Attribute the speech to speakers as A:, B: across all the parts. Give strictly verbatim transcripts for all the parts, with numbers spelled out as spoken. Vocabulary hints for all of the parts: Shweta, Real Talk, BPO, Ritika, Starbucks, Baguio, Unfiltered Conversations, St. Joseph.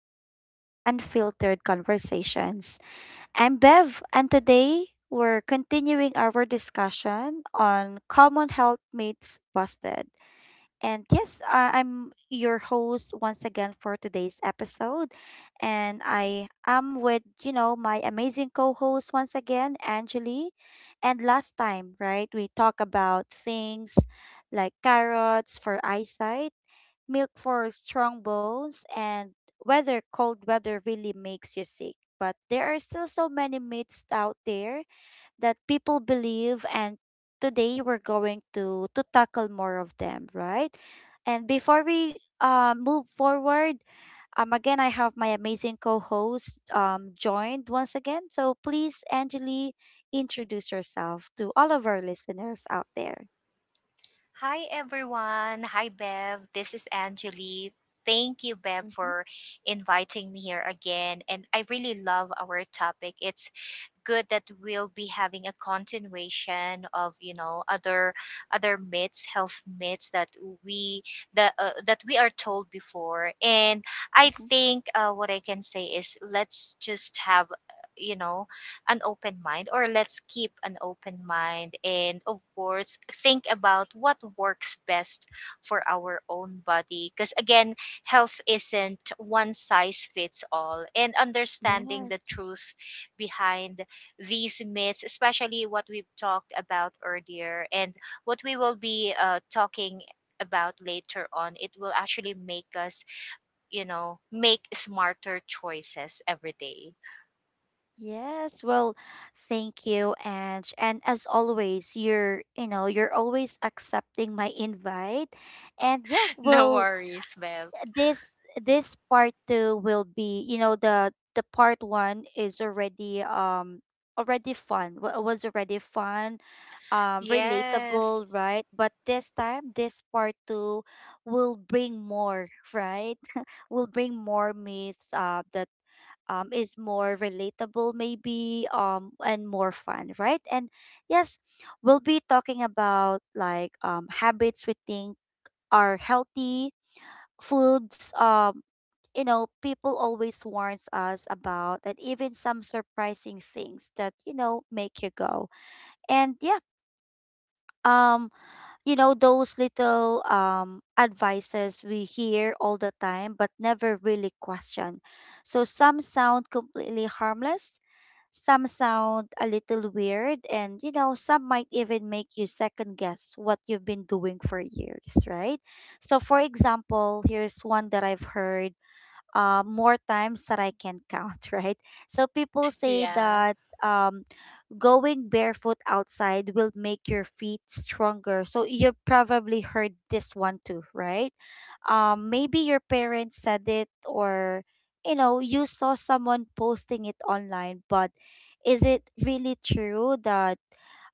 A: back to Unfiltered Conversations. I'm Bev, and today we're continuing our discussion on Common Health myths Busted. And yes, I- I'm your host once again for today's episode. And I am with, you know, my amazing co host once again, Angeli. And last time, right, we talk about things like carrots for eyesight, milk for strong bones, and weather, cold weather really makes you sick. But there are still so many myths out there that people believe, and today we're going to, to tackle more of them, right? And before we uh, move forward, um, again, I have my amazing co host um, joined once again. So please, Angeli, introduce yourself to all of our listeners out there.
B: Hi everyone. Hi Bev. This is Angeli. Thank you, Bev,
A: Mm-hmm,
B: for inviting me here again. And I really love our topic. It's good that we'll be having a continuation of you know other other myths, health myths that we that uh, that we are told before. And I think uh, what I can say is, let's just have you know an open mind, or let's keep an open mind, and of course think about what works best for our own body, because again, health isn't one size fits all, and understanding the
A: mm-hmm.
B: truth behind these myths, especially what we've talked about earlier and what we will be uh, talking about later on, it will actually make us, you know, make smarter choices every day.
A: Yes, well, thank you, Ange. And as always, you're, you know, you're always accepting my invite. And yeah,
B: No
A: well,
B: worries, Bev.
A: this this part two will be, you know, the the part one is already um already fun. wa- Was already fun, um,
B: Yes.
A: relatable, right? But this time, this part two will bring more, right? Will bring more myths, uh, the um, is more relatable maybe um, and more fun, right? And yes, we'll be talking about like um, habits we think are healthy, foods um, you know people always warns us about, and even some surprising things that you know make you go. And yeah, um you know those little um advices we hear all the time but never really question. So some sound completely harmless, some sound a little weird, and you know, some might even make you second guess what you've been doing for years, right? So, for example, here's one that I've heard uh, more times that I can count, right? So, people say
B: Yeah.
A: that. Um, going barefoot outside will make your feet stronger. So you probably heard this one too, right? Um, maybe your parents said it, or you know, you saw someone posting it online, but is it really true that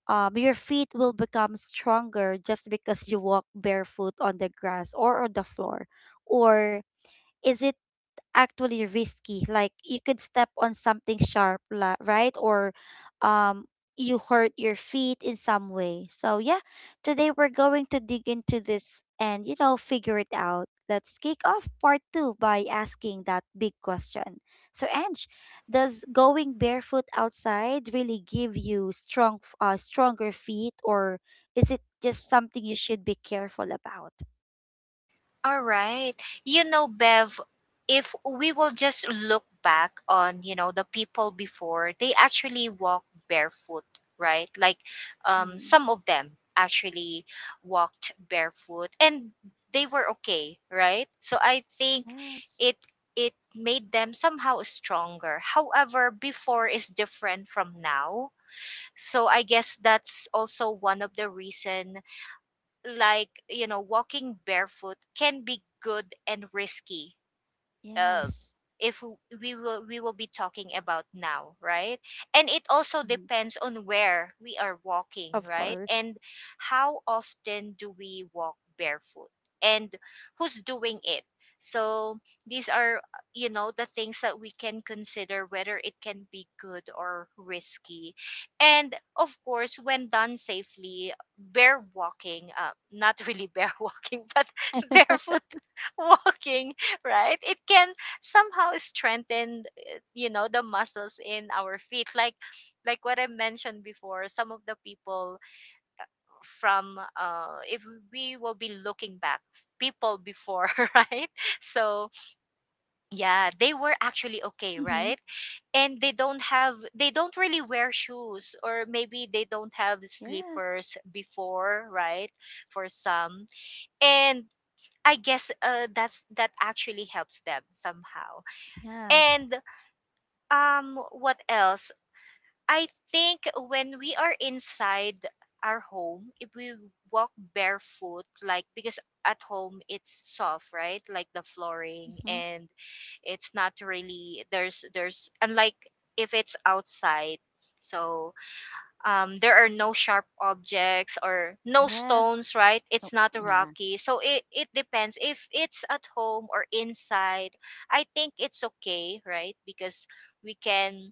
A: um, your feet will become stronger just because you walk barefoot on the grass or on the floor? Or is it actually risky? Like you could step on something sharp, la- right? Or um you hurt your feet in some way. So yeah, today we're going to dig into this and you know figure it out. Let's kick off part two by asking that big question. So Ange, does going barefoot outside really give you strong f- uh, stronger feet, or is it just something you should be careful about?
B: All right. You know, Bev, if we will just look back on, you know, the people before, they actually walk barefoot, right? Like um
A: Mhm.
B: some of them actually walked barefoot, and they were okay, right? So I think
A: Yes.
B: it it made them somehow stronger. However, before is different from now. So I guess that's also one of the reason, like you know walking barefoot can be good and risky uh,
A: Yes.
B: if we will we will be talking about now, right? And it also
A: Mm-hmm.
B: depends on where we are walking,
A: Of
B: right,
A: course.
B: and how often do we walk barefoot, and who's doing it. So these are uh, you know the things that we can consider, whether it can be good or risky. And of course, when done safely, bare walking, uh, not really bare walking, but barefoot walking, right? It can somehow strengthen, uh, you know, the muscles in our feet. Like, like what I mentioned before, some of the people from, uh, if we will be looking back, people before, right? So yeah, they
A: Mm-hmm.
B: were actually okay, right? And they don't have, they don't really wear shoes, or maybe they don't have
A: Yes.
B: slippers before, right? For some. And I guess uh, that's that actually helps them somehow.
A: Yes.
B: And Um, what else? I think when we are inside our home, if we walk barefoot, like because at home it's soft, right? Like the flooring,
A: Mm-hmm.
B: and it's not really, there's there's unlike if it's outside. So um, there are no sharp objects or no
A: Yes.
B: stones, right?
A: Oh,
B: It's not rocky.
A: yes.
B: So it, it depends. If it's at home or inside, I think it's okay, right? Because we can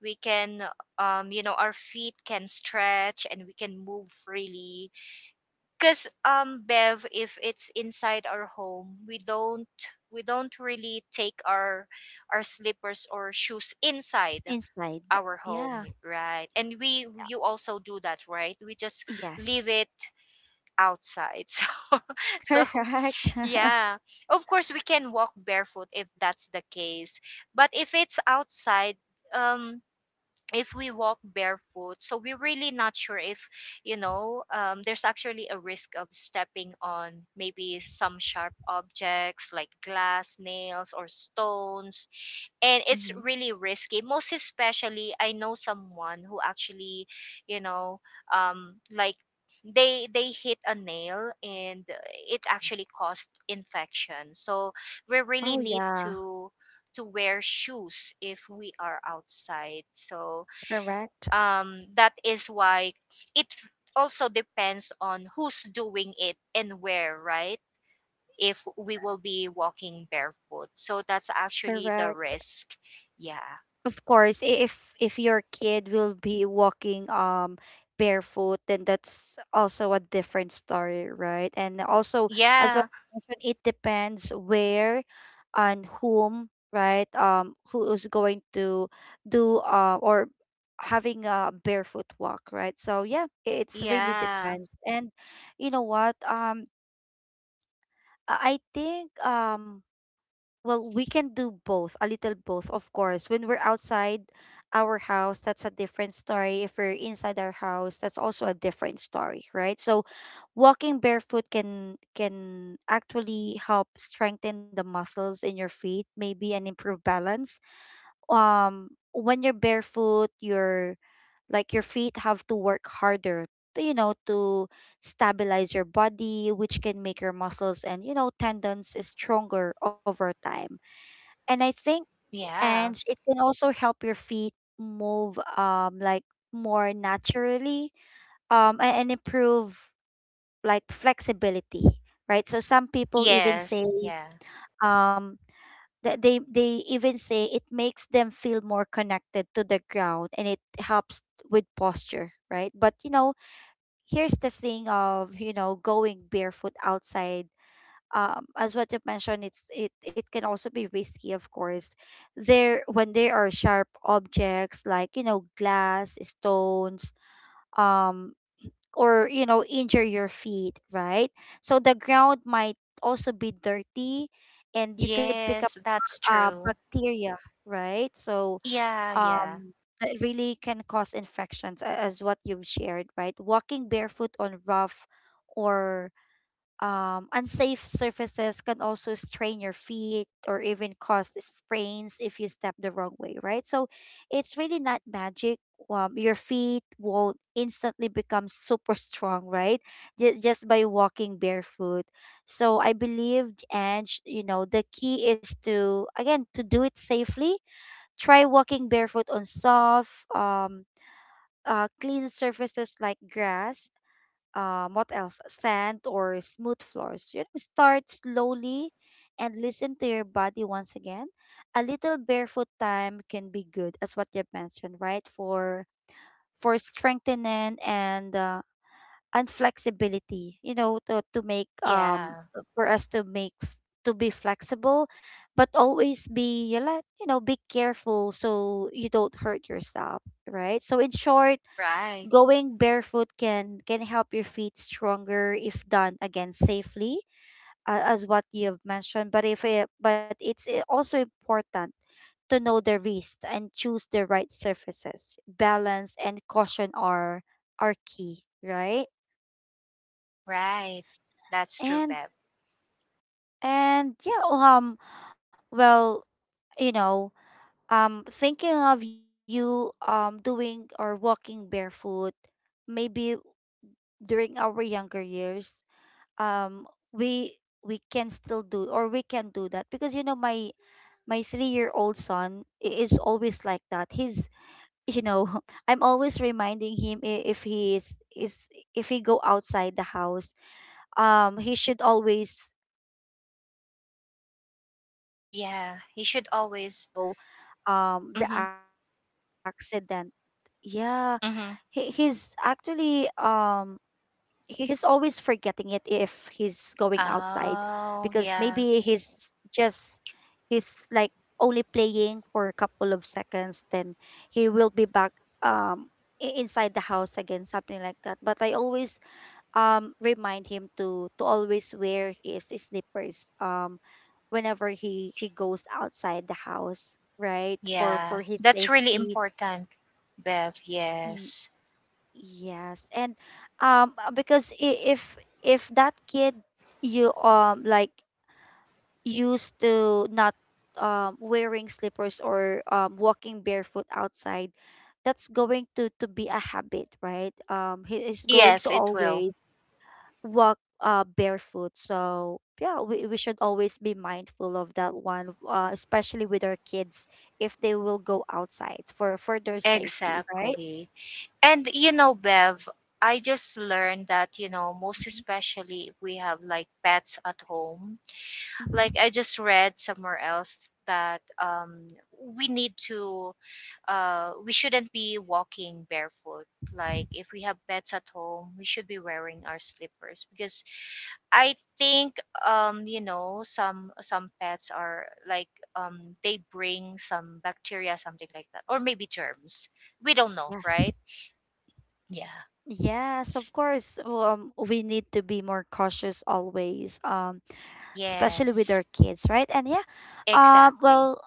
B: we can um you know our feet can stretch and we can move freely, because um bev, if it's inside our home, we don't we don't really take our our slippers or shoes inside
A: Inside.
B: our home,
A: Yeah.
B: right? And we you also do that, right? We just leave
A: Yes.
B: it outside. so so
A: Correct.
B: yeah, of course we can walk barefoot if that's the case. But if it's outside, um if we walk barefoot, so we're really not sure if, you know um, there's actually a risk of stepping on maybe some sharp objects like glass, nails, or stones. And it's
A: Mm-hmm.
B: really risky, most especially, I know someone who actually, you know um, like they they hit a nail and it actually caused infection. So we really
A: Oh
B: need
A: yeah.
B: to to wear shoes if we are outside. So
A: Correct.
B: um, that is why it also depends on who's doing it and where, right? If we will be walking barefoot, so that's actually the
A: Correct.
B: risk. Yeah.
A: Of course, i- if if your kid will be walking um barefoot, then that's also a different story, right? And also, as what
B: Yeah.
A: you mentioned, it depends where and whom, right? Um who is going to do uh, or having a barefoot walk, right? So yeah, i- it's really
B: Yeah.
A: depends. And you know what, um i I think, um well, we can do both, a little both, of course. When we're outside our house, that's a different story. If we're inside our house, that's also a different story, right? So walking barefoot can can actually help strengthen the muscles in your feet, maybe, and improve balance. Um, when you're barefoot, your, like your feet have to work harder to, you know, to stabilize your body, which can make your muscles and, you know, tendons stronger over time. And I think,
B: Yeah.
A: and it can also help your feet move um like more naturally, um a- and improve like flexibility, right? So some people even
B: Yes.
A: say,
B: Yeah.
A: um that they they even say it makes them feel more connected to the ground and it helps with posture, right? But you know, here's the thing of you know going barefoot outside, um, as what you mentioned, it's it it can also be risky, of course. There, when there are sharp objects like you know glass, stones, um, or you know injure your feet, right? So the ground might also be dirty, and you could pick up
B: Yes, that's
A: uh
B: true.
A: bacteria, right? So,
B: Yeah. Yeah.
A: um, that really can cause infections, a- as what you've shared, right? Walking barefoot on rough or um, unsafe surfaces can also strain your feet or even cause sprains if you step the wrong way, right? So it's really not magic. Um, your feet won't instantly become super strong, right? Just, just by walking barefoot. So I believe, and you know, the key is to, again, to do it safely. Try walking barefoot on soft, um, uh, clean surfaces like grass, um, what else? Sand or smooth floors. You know, start slowly and listen to your body once again. A little barefoot time can be good, as what you mentioned, right? For for strengthening and uh, and flexibility. You know, to to make um
B: Yeah.
A: for us to make f- to be flexible, but always be you like you know be careful so you don't hurt yourself, right? So in short,
B: Right.
A: going barefoot can can help your feet stronger if done again safely, uh, as what you've mentioned. But if it, but it's i- also important to know the risk and choose the right surfaces. Balance and caution are are key, right?
B: Right. That's true,
A: And
B: Beb.
A: and yeah, um, well, you know, um, thinking of you um doing or walking barefoot maybe during our younger years, um we we can still do, or we can do that because you know my my three year old son i- is always like that. He's, you know, I'm always reminding him, i- if he is is if he go outside the house, um he should always um wear his slippers because of
B: Yeah, you
A: course
B: should
A: you you
B: always.
A: really don't know
B: Mm-hmm.
A: um the accident. Yeah,
B: Mm-hmm.
A: he, he's actually um, he- he's always forgetting it if he's going outside.
B: Oh
A: Because
B: yeah.
A: maybe he's just, he's like only playing for a couple of seconds, then he will be back um i- inside the house again, something like that. But I always um remind him to to always wear his slippers um, whenever he he goes outside the house, right? for
B: Yeah,
A: for his
B: that's really
A: safety.
B: important, Bev. Yes.
A: Yes, and um uh, because i- if if that kid you um like used to not um wearing slippers or um walking barefoot outside, that's going to to be a habit, right? Um, he is going to
B: Yes, it will.
A: always walk uh barefoot. So yeah, we we should always be mindful of that one, uh, especially with our kids if they will go outside for for their safety, right?
B: Exactly. And you know, Bev, I just learned that, you know, most especially if we have like pets at home. Like
A: Mm-hmm.
B: I just read somewhere else that um, we need to, uh, we shouldn't be walking barefoot. Like if we have pets at home, we should be wearing our slippers, because I think um you know some some pets are like, um they bring some bacteria, something like that, or maybe germs, we don't know,
A: Yes.
B: right? Yeah.
A: Yes, of
B: S-
A: course. Well, um, we need to be more cautious always, um, especially with
B: yes,
A: our kids, right? And yeah, um,
B: exactly.
A: well,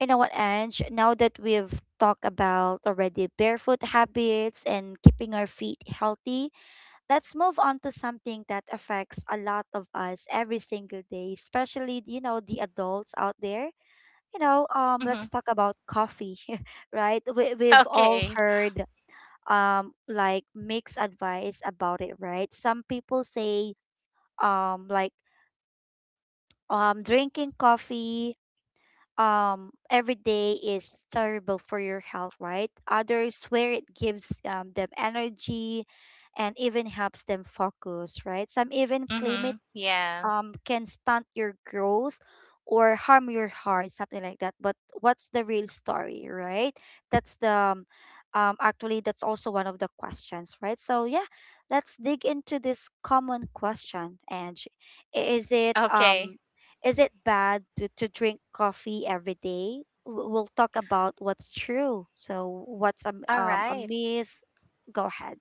A: you know what, Ange, now that we've talked about already barefoot habits and keeping our feet healthy, let's move on to something that affects a lot of us every single day, especially, you know, the adults out there. You know, um, let's
B: Mhm.
A: talk about coffee, right? We, we've all
B: okay.
A: heard um like mixed advice about it, right? Some people say um like um drinking coffee um every day is terrible for your health, right? Others swear it gives um, them energy and even helps them focus, right? Some even claim it
B: Mhm. Yeah.
A: um can stunt your growth or harm your heart, something like that. But what's the real story, right? That's the um um, actually, that's also one of the questions, right? So yeah, let's dig into this common question, and is it
B: Okay.
A: um is it bad to, to drink coffee every day? W- We'll talk about what's true. So what's a,
B: All
A: um, a
B: right.
A: myth? Go ahead.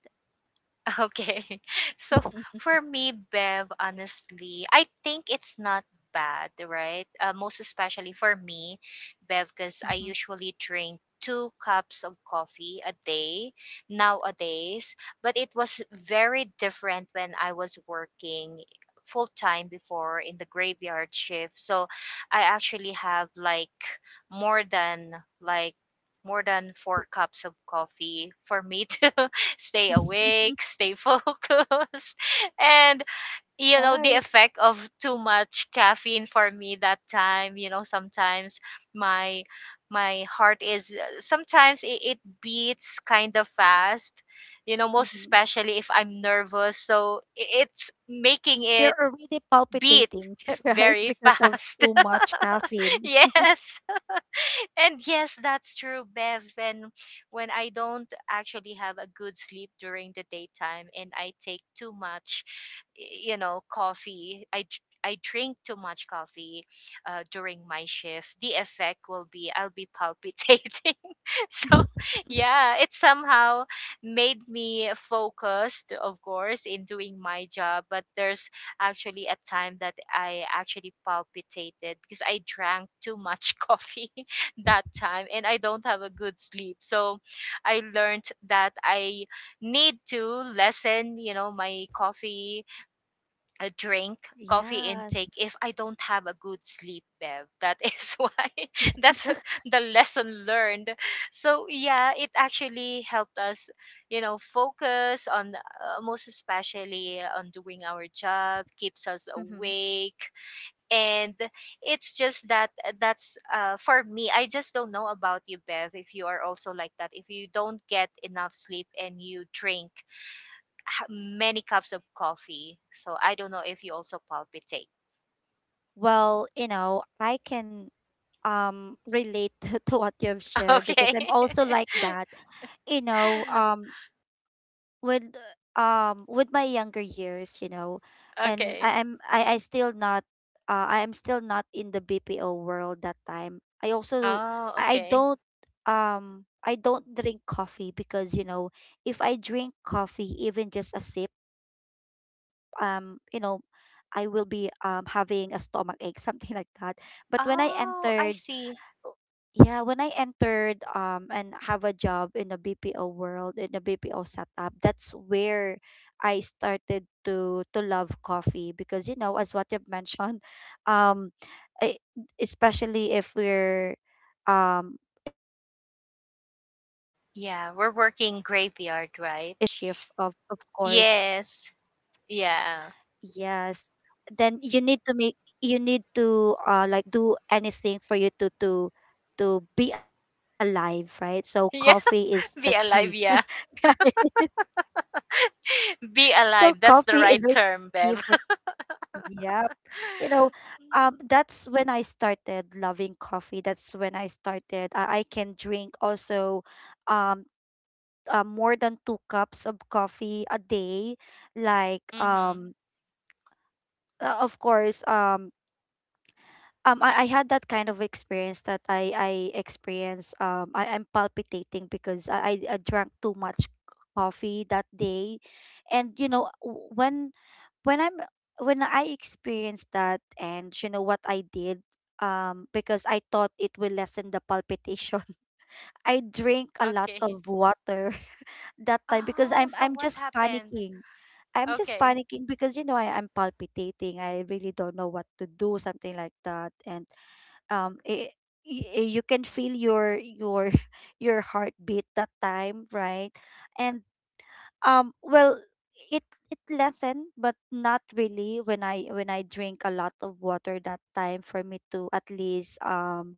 B: Okay. So for me, Bev, honestly, I think it's not bad, right? Uh, most especially for me, Bev, because I
A: Mm-hmm.
B: usually drink two cups of coffee a day nowadays. But it was very different when I was working full time before in the graveyard shift. So I actually have like more than like more than four cups of coffee for me to stay awake, stay focused. And, you know, the
A: Right.
B: effect of too much caffeine for me that time, you know, sometimes my my heart is, sometimes it, it beats kind of fast, you know most
A: Mm-hmm.
B: especially if I'm nervous, so i- it's making
A: You're
B: it
A: already
B: beat
A: palpitating, right?
B: very
A: Because of
B: fast.
A: too much caffeine.
B: Yes, and yes, that's true, Bev. When when I don't actually have a good sleep during the daytime and I take too much, y- you know, coffee, I dr- I drink too much coffee uh, during my shift. The effect will be, I'll be palpitating. So yeah, it somehow made me focused, of course, in doing my job. But there's actually a time that I actually palpitated because I drank too much coffee that time and I don't have a good sleep. So I learned that I need to lessen, you know, my coffee uh, drink, coffee
A: Yes.
B: intake if I don't have a good sleep, Bev. That is why, that's the lesson learned. So yeah, it actually helped us, you know, focus on, uh, most especially on doing our job, keeps us
A: Mm-hmm.
B: awake. And it's just that uh, that's uh, for me. I just don't know about you, Bev, if you are also like that, if you don't get enough sleep and you drink h- many cups of coffee, so I don't know if you also palpitate.
A: Well, you know, I can um relate to what you've shared because
B: okay.
A: I'm also like that. You know, um, with um with my younger years, you know, and
B: okay.
A: I, I'm I, I still not, uh I am still not in the B P O world that time. I also
B: Oh,
A: I
B: okay.
A: don't um, I don't drink coffee because you know if I drink coffee even just a sip, um you know I will be um having a stomach ache something like that. But when I
B: Oh, I
A: entered,
B: see.
A: yeah, when I entered um and have a job in the B P O world, in the B P O setup, that's where I started to to love coffee. Because you know, as what you've mentioned, um, I, especially if we're um if uh, if our shift is uh
B: Yeah,
A: if
B: we're
A: you're on a
B: working
A: graveyard
B: graveyard,
A: sh-
B: right?
A: graveyard shift, of of
B: Yes.
A: course,
B: Yeah.
A: yes, then you need to make, you need to uh like do anything for you to to to be alive, right? So
B: yeah,
A: coffee is
B: be
A: the
B: alive.
A: key.
B: Yeah,
A: Right?
B: be
A: So
B: alive. That's the
A: coffee
B: right
A: is really
B: term, Bev.
A: key for me. Yep. You know, um, that's when I started loving coffee. That's when I started. I, I can drink also, um, uh, more than two cups of coffee a day. Like
B: Mm-hmm.
A: um, uh, of course, um, um I, I had that kind of experience that I I experienced, um I am palpitating, because I, I I drank too much coffee that day. And you know w- when when I'm when I experienced that, and you know what I did? Um because I thought it will lessen the palpitation, I drink a lot
B: Okay.
A: of water that time because
B: Oh,
A: I'm
B: so
A: I'm
B: what
A: just
B: happened?
A: panicking. I'm just
B: Okay.
A: panicking because you know I, I'm palpitating. I really don't know what to do, something like that. And um i- y- y- you can feel your your your heartbeat that time, right? And um well, it it lessened, but not really, when i when i drink a lot of water that time, for me to at least, um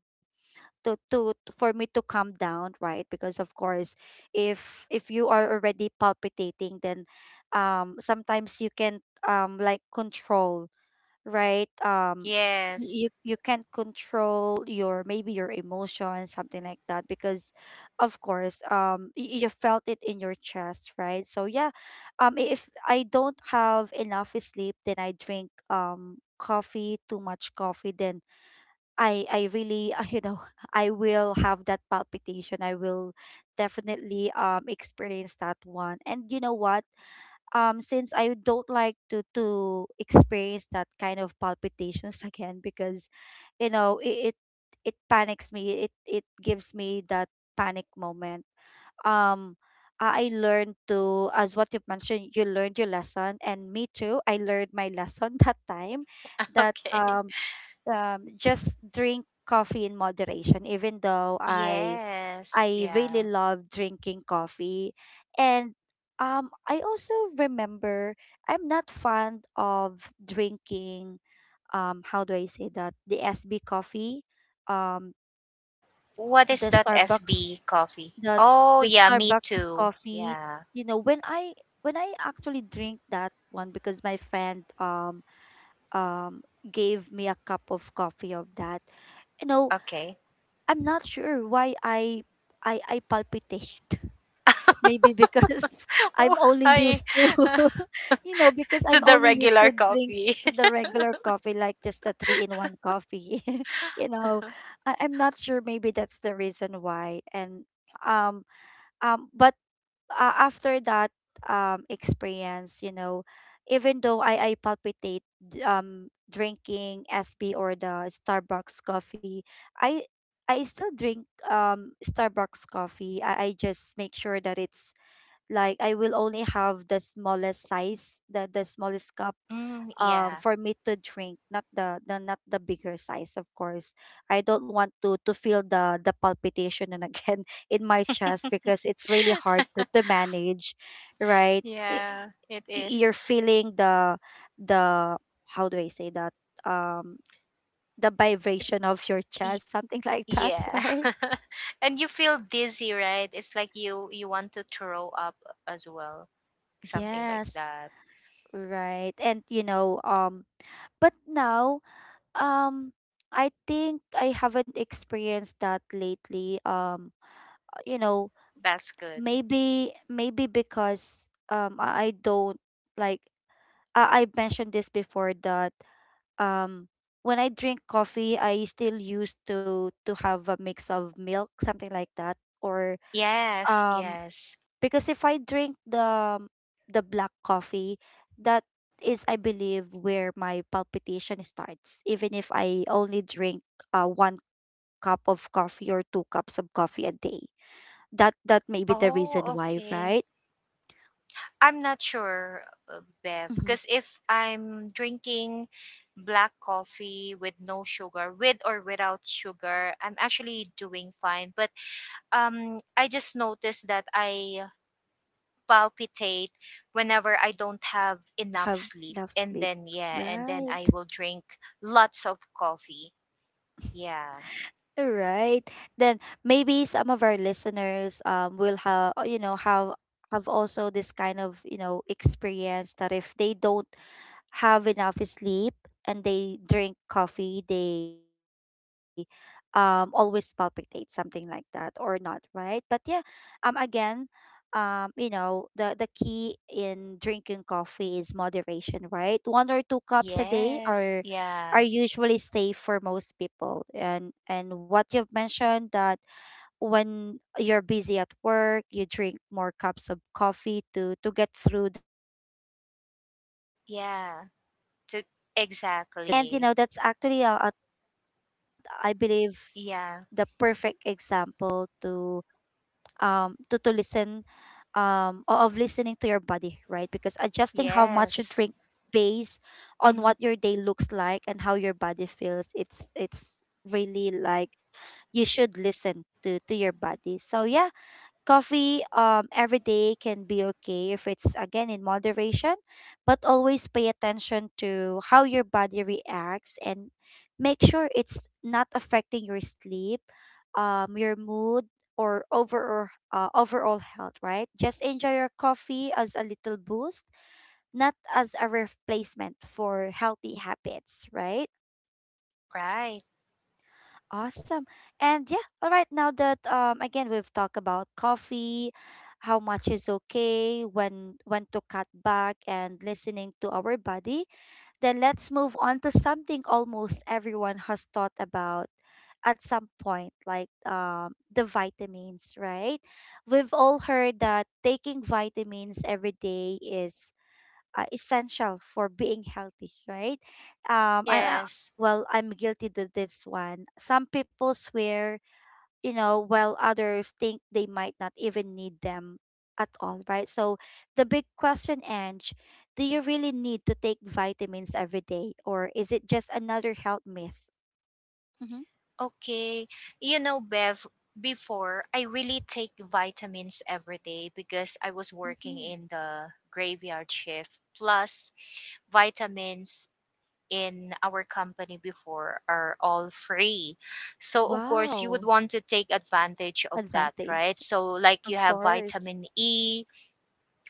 A: to, to for me to calm down, right? Because of course, if if you are already palpitating, then um sometimes you can um like control, right? Um,
B: Yes.
A: you you can't control your, maybe your emotions, something like that, because of course, um, y- you felt it in your chest, right? So yeah, um, i- if I don't have enough sleep, then I drink um coffee, too much coffee, then I I really you know I will have that palpitation. I will definitely um experience that one. And you know what? Um since I don't like to to experience that kind of palpitations again, because you know it, it, it panics me, it it gives me that panic moment. um I I learned to, as what you mentioned, you learned your lesson, and me too, I learned my lesson that time, that,
B: Okay.
A: um, um just drink coffee in moderation, even though I
B: Yes.
A: I really
B: Yeah.
A: love drinking coffee. And um, I also remember, I'm not fond of drinking, um, how do I say that? The S B coffee, um,
B: What is
A: the
B: that
A: Starbucks,
B: S B coffee?
A: the,
B: Oh,
A: the
B: yeah, me
A: Starbucks
B: too.
A: coffee.
B: Yeah.
A: You know, when I when I actually drink that one, because my friend um um gave me a cup of coffee of that, you know,
B: Okay.
A: I'm not sure why I I I palpitate. Maybe because I'm only
B: Why?
A: used to, you know, because
B: to
A: I'm
B: the
A: only used
B: regular
A: to drink
B: coffee.
A: to the regular coffee, like just the three-in-one coffee. You know, I, I'm not sure. Maybe that's the reason why. And um um, but uh, after that um experience, you know, even though I I palpitate d- um drinking S B or the Starbucks coffee, I I still drink um Starbucks coffee. I, I just make sure that it's, like, I will only have the smallest size, the the smallest cup
B: Mm,
A: um
B: yeah.
A: for me to drink, not the, the not the bigger size, of course. I don't want to to feel the the palpitation and again in my chest, because it's really hard to, to manage, right? Y-
B: yeah, it
A: y-
B: is.
A: You're feeling the, the how do I say that? Um the
B: It's
A: vibration of your
B: y-
A: chest, something like that,
B: yeah.
A: right?
B: And you feel dizzy, right? It's like you you want to throw up as well, something like
A: Yes,
B: that.
A: right. And you know, um, but now, Um, I think I haven't experienced that lately. Um, uh, you know,
B: That's good.
A: maybe maybe because, um I I don't, like, I I mentioned this before, that um when I drink coffee, I still used to to have a mix of milk, something like that, or,
B: Yes,
A: um,
B: yes.
A: because if I drink the the black coffee, that is, I believe, where my palpitation starts. Even if I only drink uh, one cup of coffee or two cups of coffee a day, that that may be the reason
B: Oh,
A: why,
B: okay.
A: right?
B: I'm not sure, uh, Bev,
A: Hmm.
B: because if I'm drinking black coffee with no sugar, with or without sugar, I'm actually doing fine. But um, I just noticed that I palpitate whenever I don't have enough
A: Have
B: sleep,
A: enough
B: and
A: sleep.
B: then yeah, and then I
A: Right,
B: will drink lots of coffee. Yeah.
A: right. Then maybe some of our listeners um will have, you know have have also this kind of, you know, experience, that if they don't have enough sleep and they drink coffee, they um always palpitate, something like that, or not, right? But yeah, um again, um, you know, the the key in drinking coffee is moderation, right? One or two cups a day
B: Yes.
A: are
B: Yeah.
A: are usually safe for most people. And and what you've mentioned, that when you're busy at work, you drink more cups of coffee to to get through the day, right? Uh, I can relate also
B: Yeah.
A: to that
B: To
A: one, right? And you know,
B: Exactly.
A: that's actually, uh, uh, I believe, the perfect
B: Yeah.
A: example to um to to listen, um o- of listening to your body, right? Because adjusting how much you drink
B: Yes.
A: based on what
B: Mm-hmm.
A: your day looks like and how your body feels, it's it's really, like, you should listen to to your body, so yeah. Coffee um every day can be okay if it's, again, in moderation, but always pay attention to how your body reacts, and make sure it's not affecting your sleep, um your mood, or overall, uh, overall health, right? Just enjoy your coffee as a little boost, not as a replacement for healthy habits, right?
B: Right.
A: Awesome. And yeah, all right, now that, um again, we've talked about coffee, how much is okay, when when to cut back, and listening to our body, then let's move on to something almost everyone has thought about at some point, like um the vitamins, right? We've all heard that taking vitamins every day is, uh, essential for being healthy, right? Um, I'm uh,
B: Yes.
A: well, I'm guilty to this one. Some people swear, you know, while others think they might not even need them at all, right? So the big question, Ange: do you really need to take vitamins every day, or is it just another health myth? Mm-hmm.
B: Okay. You know, Bev, before I really take vitamins every day because I was working
A: Mm-hmm.
B: in the graveyard shift. Plus, vitamins in our company before are all free. So, of course, you
A: Wow,
B: would want to take advantage of that, right?
A: advantage,
B: So, like you
A: of
B: have
A: course.
B: vitamin E,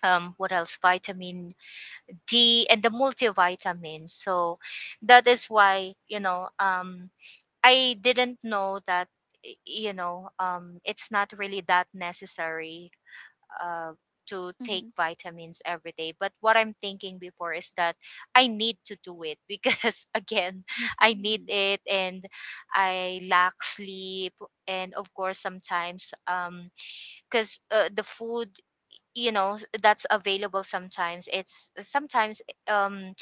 B: um, what else? Vitamin D and the multivitamins. So that is why, you know, um, I didn't know that, y- you know, um, it's not really that necessary uh, to take
A: Mm-hmm.
B: vitamins every day. But what I'm thinking before is that I need to do it because, again, I need
A: Mm-hmm.
B: it and I lack sleep. And of course, sometimes, um, because uh, the food, you know s- that's available, sometimes it's sometimes um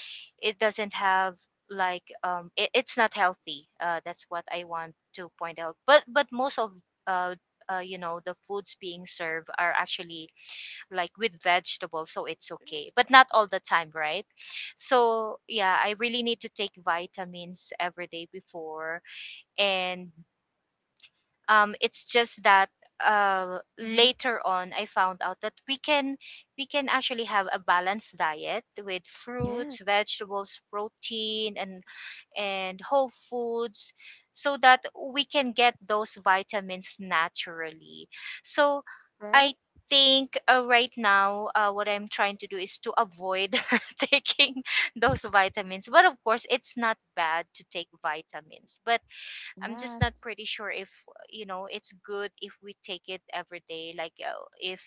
B: it doesn't have, like um it, it's not healthy, uh that's what I want to point out. But but most of uh, uh you know the foods being served are actually like with vegetables, so it's okay, but not all the time, right? So yeah, I really need to take vitamins every day before, and um, it's just that uh,
A: Mm-hmm.
B: later on I found out that we can we can actually have a balanced diet with fruits,
A: Yes.
B: vegetables, protein, and and whole foods, so that we can get those vitamins naturally. So
A: Right.
B: I think, uh, right now, uh, what I'm trying to do is to avoid taking those vitamins. But of course, it's not bad to take vitamins, but I'm just not
A: Yes.
B: pretty sure if, you know it's good if we take it every day, like uh, if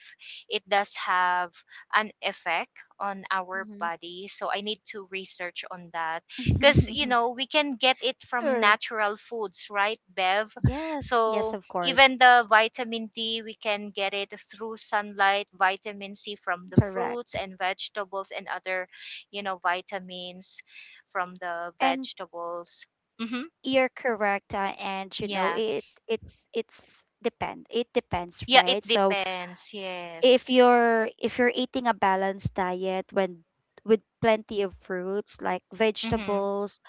B: it does have an effect on our
A: Mm-hmm.
B: body, so I need to research on that, cuz you know we can get it from
A: Sure.
B: natural foods, right, Bev?
A: Yes. Yes,
B: So
A: of course.
B: even the vitamin D, we can get it through sunlight, vitamin C from the fruits
A: Correct.
B: and vegetables, and other you know vitamins from the
A: And
B: vegetables. Mhm.
A: you're correct, uh, and you know,
B: Yeah.
A: it it's it's depend. It depends,
B: Yeah, it
A: right? So
B: depends.
A: if
B: Yes.
A: you're if you're eating a balanced diet, when, with plenty of fruits, like
B: Mm-hmm.
A: vegetables,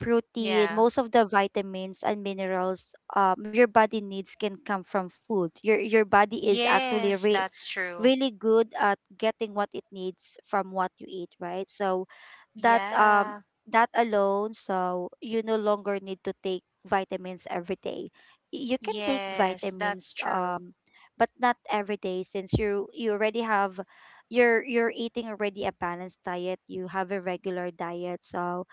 A: protein,
B: Yeah.
A: most of the vitamins and minerals um your body needs can come from food. Your your body is actually
B: Yes,
A: re-
B: that's true.
A: really good at getting what it needs from what you eat, right? So that, um
B: Yeah.
A: that alone, so you no longer need to take vitamins every day. Y- you can take
B: Yes, that's
A: vitamins,
B: true.
A: um but not every day, since you you already have, you're you're eating already a balanced diet, you have a regular diet, so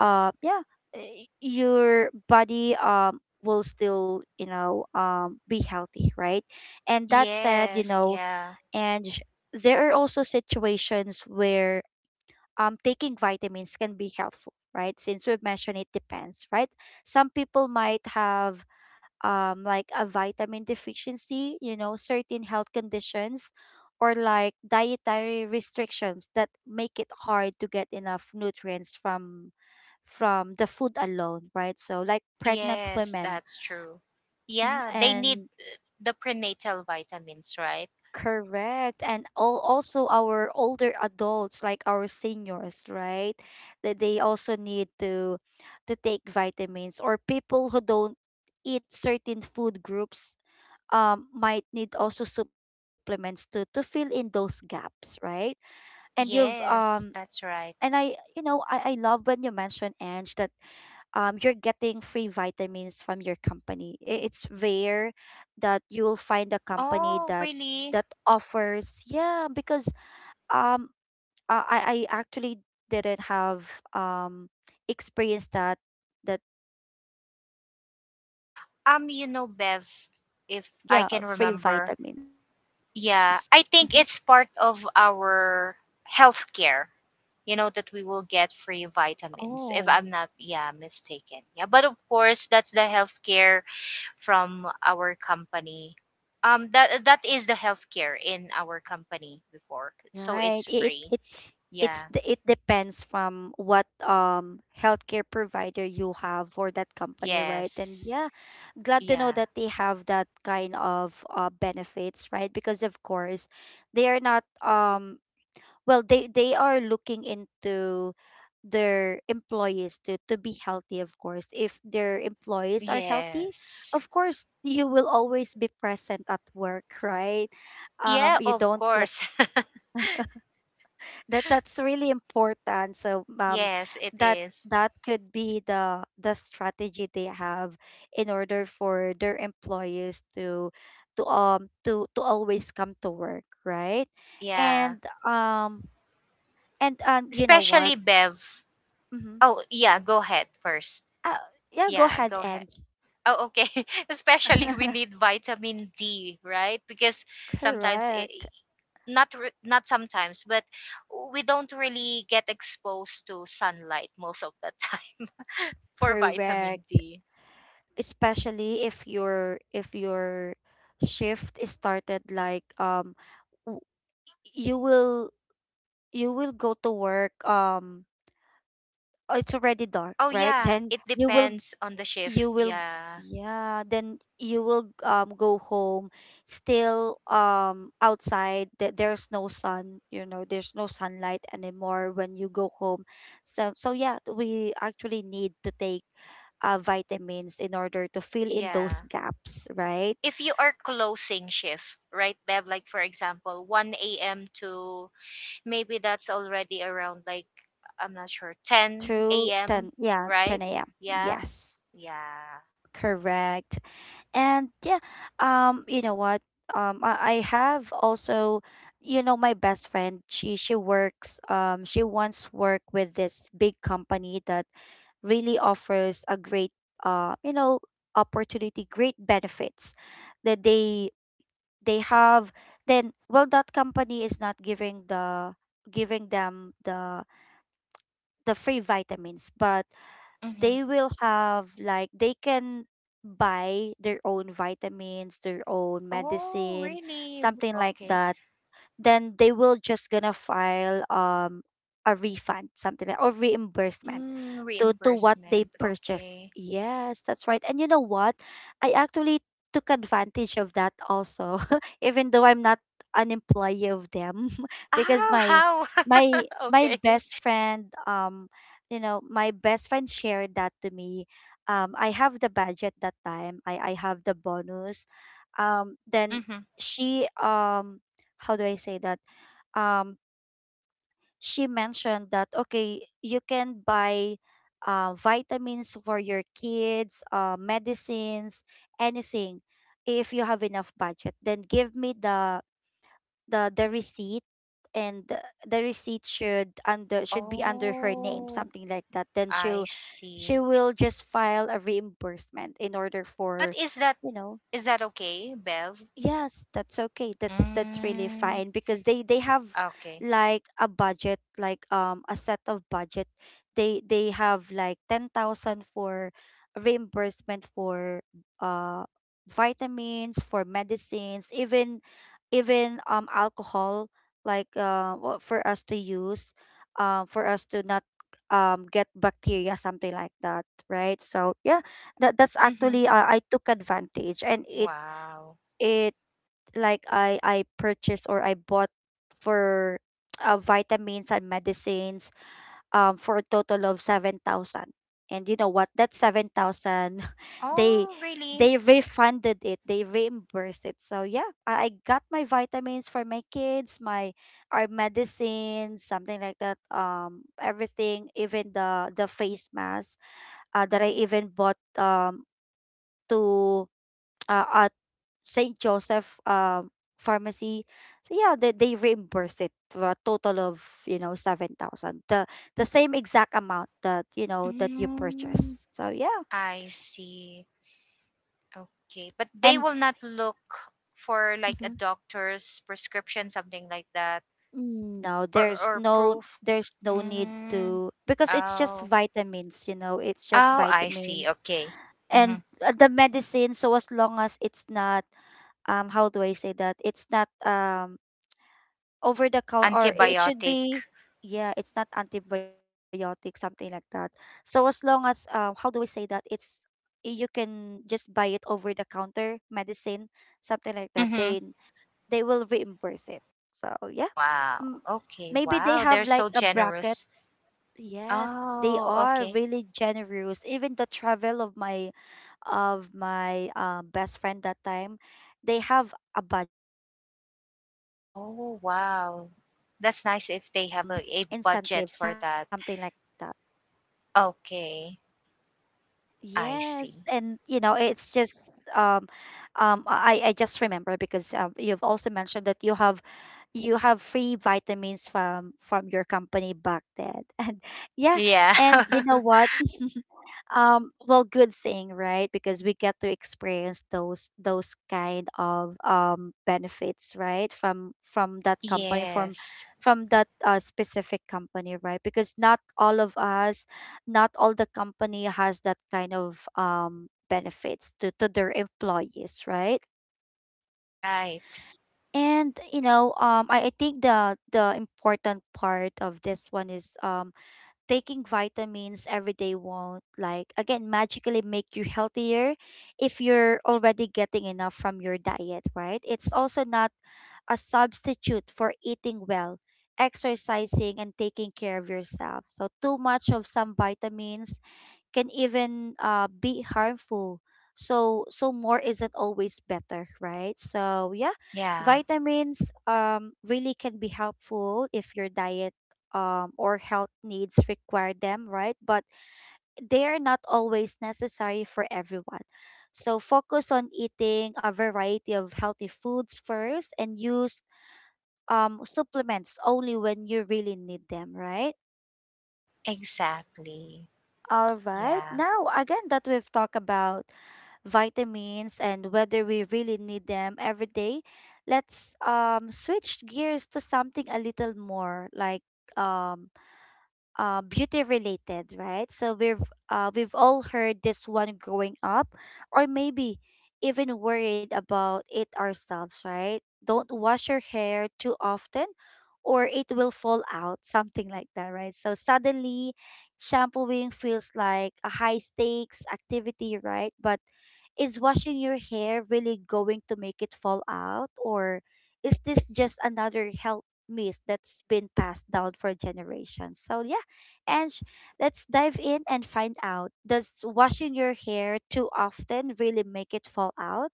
A: uh yeah, eh, your body um will still, you know um be healthy, right? And that said, you
B: Yes,
A: know,
B: yeah.
A: and sh- there are also situations where um taking vitamins can be helpful, right, since we've mentioned, it depends, right? Some people might have, um, like, a vitamin deficiency, you know, certain health conditions, or like dietary restrictions that make it hard to get enough nutrients from from the food alone, right? So, like, pregnant
B: Yes,
A: women.
B: that's true.
A: Mhm.
B: Yeah, they need
A: And
B: the prenatal vitamins, right?
A: correct, and all, also our older adults, like our seniors, right? That they also need to to take vitamins, or people who don't eat certain food groups, um, might need also supplements to to fill in those gaps, right? And you've um
B: Yes, that's
A: and
B: right.
A: I, you know, I, I love when you mentioned, Ange, that um you're getting free vitamins from your company. I- It's rare that you will find a company
B: Oh,
A: that
B: really?
A: that offers, yeah, because um uh, I I actually didn't have um experience that that you will have, um a free
B: Um, you know,
A: vitamins,
B: Bev,
A: or
B: if
A: yeah,
B: I
A: free
B: can remember.
A: vitamins. Mm-hmm.
B: Yeah, I think it's part of our healthcare. You know that we will get free
A: Oh.
B: vitamins if I'm not, yeah, mistaken. Yeah, but of course, that's the healthcare from our company. um that that is the healthcare in our company before, so
A: Right.
B: it's
A: It it-
B: free.
A: it's it's
B: Yeah.
A: d- it depends from what um healthcare provider you have for that company, right? And
B: Yes.
A: yeah, glad to know
B: Yeah.
A: that they have that kind of uh benefits, right? Because of course, they are not, um well, they they are looking into their employees to to be healthy. Of course, if their employees are healthy,
B: Yes.
A: of course you will always be present at work, right.
B: Yeah,
A: um you
B: of
A: don't let
B: course.
A: that that's really important. So um
B: Yes, it
A: that
B: is.
A: that could be the the strategy they have in order for their employees to, to um to to always come to work, right?
B: Yeah.
A: And um and and you know what.
B: Especially, Bev.
A: Mm-hmm.
B: Oh yeah, go ahead first.
A: Uh, yeah, go
B: Yeah,
A: ahead,
B: go ahead.
A: and
B: Oh, okay. Especially, we need vitamin D, right? Because sometimes
A: Correct.
B: i- not re- not sometimes, but we don't really get exposed to sunlight most of the time for vitamin
A: Correct.
B: D.
A: Especially if your if your shift is started, like, um w- you will you will go to work, um oh, it's already dark,
B: Oh
A: right?
B: yeah,
A: Then
B: it
A: you will
B: depends on the shift.
A: you will
B: Yeah.
A: yeah, then you will um go home, still um outside, that there's no sun, you know there's no sunlight anymore when you go home. So so yeah, we actually need to take uh, vitamins in order to fill in those
B: Yeah.
A: gaps, right?
B: If you are closing shift, right, Bev? Like for example, one a m to maybe that's already around, like, I'm not sure,
A: Through
B: ten a m,
A: ten, yeah,
B: right?
A: ten a m.,
B: Yeah.
A: yes,
B: Yeah.
A: correct. And yeah, um, you know what? Um, I, I have also, you know, my best friend. She she works. Um, she once worked with this big company that really offers a great, uh, you know, opportunity, great benefits that they they have. Then, well, that company is not giving the giving them the the free vitamins, but
B: Mm-hmm.
A: they will have like they can buy their own vitamins, their own
B: Oh,
A: medicine,
B: really?
A: something like
B: Okay.
A: that. Then they will just gonna file um a refund, something like, or reimbursement
B: Mm,
A: to to what they
B: reimbursement.
A: purchased.
B: Okay.
A: Yes, that's right. And you know what? I actually took advantage of that also even though I'm not an employee of them because
B: Ah,
A: my
B: how?
A: my my
B: Okay.
A: best friend, um you know, my best friend shared that to me. um I have the budget that time. I i have the bonus. Um then
B: Mm-hmm.
A: she, um how do I say that? Um, she mentioned that, okay, you can buy uh, vitamins for your kids, uh, medicines, anything, if you have enough budget. Then give me the the the receipt, and the the receipt should under should be under her name,
B: Oh,
A: something like that. Then
B: I
A: she'll she
B: see.
A: will just file a reimbursement in order
B: But
A: for,
B: is that,
A: you know.
B: is that okay, Bev?
A: Yes, that's okay. That's that's really
B: Mm,
A: fine because they they have
B: okay.
A: like a budget, like um a set of budget. They they have like ten thousand for reimbursement for uh vitamins, for medicines, even even um alcohol, like uh wha- for us to use, um for us to not um get bacteria, something like that, right? So, yeah, that that's
B: Mm-hmm.
A: actually uh, I took advantage. And it
B: Wow.
A: it like I I purchased or I bought for uh, vitamins and medicines um for a total of seven thousand. And you know what? That seven thousand, they
B: Oh, really?
A: they refunded it. They reimbursed it. So yeah, I, I got my vitamins for my kids, my, our medicines, something like that. Um everything, even the the face mask uh, that I even bought um to, uh, Saint Joseph um pharmacy. So yeah, they, they reimburse it for a total of, you know, seven thousand. The the same exact amount that, you know, that you
B: Mm,
A: purchase. So yeah.
B: I see. Okay. But they
A: And
B: will not look for like a
A: mhm.
B: doctor's prescription, something like that.
A: No,
B: or
A: there's
B: or
A: no,
B: proof.
A: there's no need
B: Mm.
A: to because it's just
B: Oh,
A: vitamins, you know, it's just
B: oh, I see.
A: vitamins.
B: Okay.
A: And
B: Hmm.
A: uh, the medicine, so as long as it's not um how do I say that? It's not um over the counter, or it should
B: Antibiotic.
A: be, yeah, it's not antibiotic, something like that. So as long as, um how do we say that, it's, you can just buy it over the counter medicine, something like that,
B: Hmm.
A: then they will reimburse it. So yeah.
B: Wow.
A: M-
B: Okay.
A: Maybe they
B: Wow, they're
A: have like
B: so
A: a bracket.
B: generous.
A: Yes, they
B: Oh,
A: are
B: okay.
A: really generous. Even the travel of my, of my uh, best friend that time, they have a budget like thirty-five thousand
B: Oh
A: uh
B: wow,
A: travel
B: that's nice if they have a,
A: um
B: a budget
A: incentive,
B: for that.
A: something like that.
B: Okay. I see.
A: Yes, and you know, it's just um um I I just remember because um you've also mentioned that you have, you have free vitamins from from your company back then. And yeah,
B: Yeah.
A: and you know what? Um well, good thing, right, because we get to experience those those kind of um benefits, right, from from that company, from
B: Yes.
A: from that uh, specific company, right, because not all of us, not all the company has that kind of um benefits to, to their employees, right.
B: Right.
A: And you know, um I, I think the the important part of this one is, um taking vitamins every day won't, like, again, magically make you healthier if you're already getting enough from your diet, right. It's also not a substitute for eating well, exercising, and taking care of yourself. So too much of some vitamins can even uh, be harmful. So so more isn't always better, right? So yeah,
B: Yeah.
A: vitamins, um really can be helpful if your diet, um or health needs require them, right? But they are not always necessary for everyone. So focus on eating a variety of healthy foods first, and use um supplements only when you really need them, right?
B: Exactly.
A: All right.
B: Yeah.
A: Now, again, that we've talked about vitamins and whether we really need them every day, let's um switch gears to something a little more like um uh, beauty related, right? So we've uh, we've all heard this one growing up, or maybe even worried about it ourselves, right? Don't wash your hair too often, or it will fall out, something like that, right? So suddenly, shampooing feels like a high stakes activity, right? But is washing your hair really going to make it fall out? Or is this just another health myth that's been passed down for generations? So, yeah, and let's dive in and find out. Does washing your hair too often really make it fall out?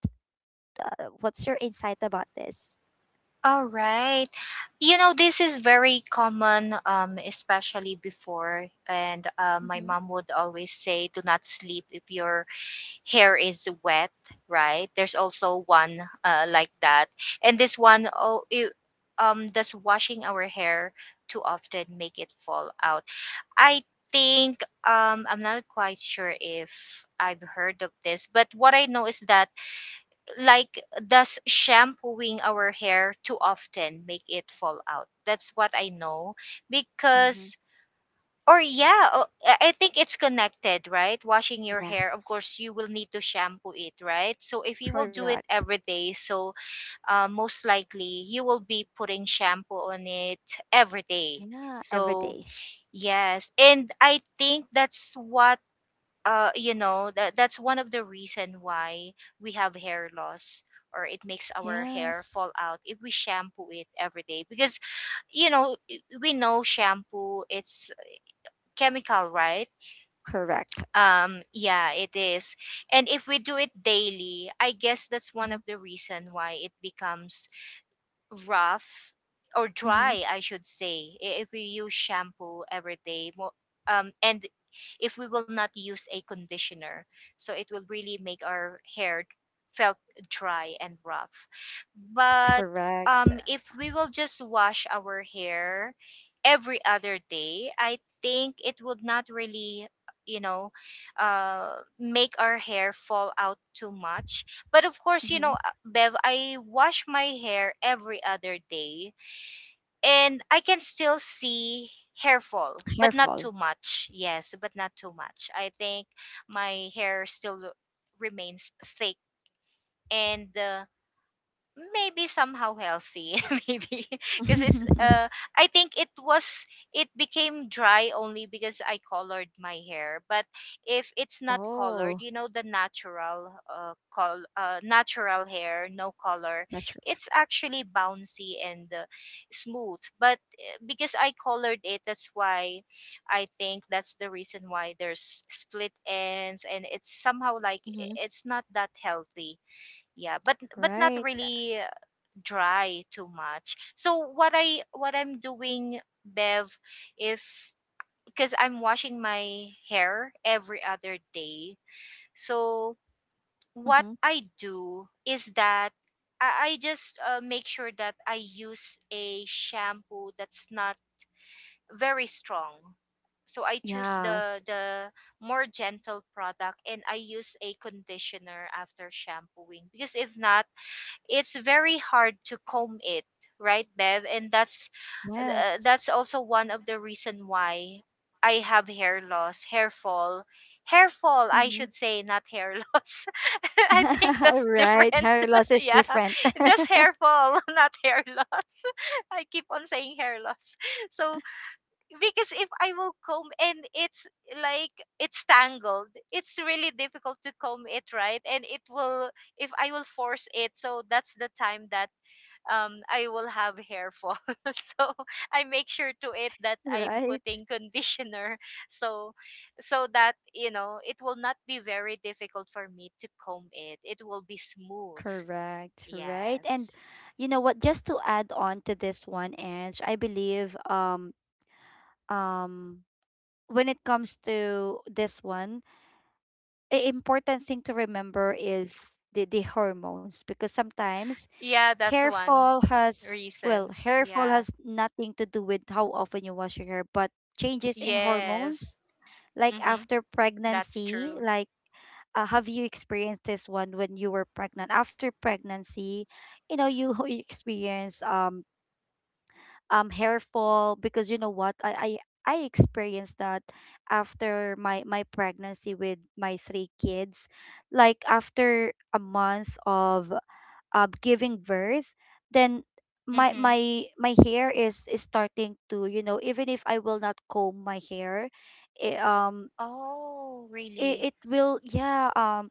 A: Uh, what's your insight about this?
B: All right. You know, this is very common, um, especially before. And uh, my
A: Mm-hmm.
B: mom would always say, do not sleep if your hair is wet, right? There's also one, uh, like that. And this one, oh, it, um, does washing our hair too often make it fall out? I think, um, I'm not quite sure if I've heard of this, but what I know is that, like, does shampooing our hair too often make it fall out? That's what I know.
A: Mm-hmm.
B: Because, or yeah o- I I think it's connected, right? Washing your hair, of
A: Yes,
B: course you will need to shampoo it, right? So if you will do it
A: correct.
B: every day, so uh, most likely you will be putting shampoo on it every day.
A: Yeah, every
B: So
A: day.
B: yes, and I think that's what uh, you know that that's one of the reason why we have hair loss, or it makes our hair
A: Yes,
B: fall out if we shampoo it every day. Because, you know, i- we know shampoo, it's chemical, right?
A: correct.
B: um yeah, it is. And if we do it daily, I guess that's one of the reason why it becomes rough, or
A: Mm-hmm.
B: dry, I should say, i- if we use shampoo every day. Mo- Um, and if we will not use a conditioner, so it will really make our hair felt dry and rough. But
A: Correct.
B: um, if we will just wash our hair every other day, I think it would not really, you know, uh, make our hair fall out too much. But of course, you
A: Hmm.
B: know, Bev, I wash my hair every other day, and I can still see hair fall,
A: Hair
B: but not
A: fall.
B: too much. Yes, but not too much. I think my hair still remains thick and, uh, maybe somehow healthy maybe because it's uh I think it was it became dry only because I colored my hair. But if it's not colored, you know, the natural uh col- uh natural hair, no color,
A: That's true.
B: it's actually bouncy and, uh, smooth. But uh, because I colored it, that's why I think that's the reason why there's split ends, and it's somehow like,
A: Hmm.
B: i- it's not that healthy. Yeah, but but not
A: Right.
B: really dry too much. So what I what I'm doing, Bev, if because I'm washing my hair every other day. So what
A: Hmm.
B: I do is that I, I just, uh, make sure that I use a shampoo that's not very strong. So I choose the
A: Yes.
B: the more gentle product, and I use a conditioner after shampooing, because if not, it's very hard to comb it, right, Bev? And that's
A: Yes.
B: uh, that's also one of the reason why I have hair loss, hair fall, hair fall, I
A: Hmm.
B: should say, not hair loss. I think that's
A: Right.
B: different.
A: Hair loss is
B: Yeah.
A: different.
B: Just hair fall. Not hair loss. I keep on saying hair loss. So because if I will comb and it's like it's tangled, it's really difficult to comb it, right? And it will, if I will force it, so that's the time that um I will have hair fall. So I make sure to it that
A: Right.
B: I'm putting conditioner, so so that you know it will not be very difficult for me to comb it. It will be smooth.
A: Correct. Right. And
B: Yes,
A: you know what? Just to add on to this one, Ange, I believe um um when it comes to this one, a important thing to remember is the, the hormones, because sometimes
B: yeah, that's
A: hair
B: one
A: fall has, well,
B: reason.
A: hair fall
B: Yeah.
A: has nothing to do with how often you wash your hair, but changes in hormones,
B: Yes.
A: like
B: Mm-hmm.
A: after
B: That's
A: pregnancy,
B: true.
A: like, uh, have you experienced this one when you were pregnant? After pregnancy, you know, you you experience um um hair fall. Because you know what? I i, I experienced that after my my pregnancy with my three kids, like after a month of uh, giving birth, then my
B: Mhm.
A: my my hair is, is starting to, you know, even if I will not comb my hair, it, um
B: Oh, really?
A: it, it will, yeah, um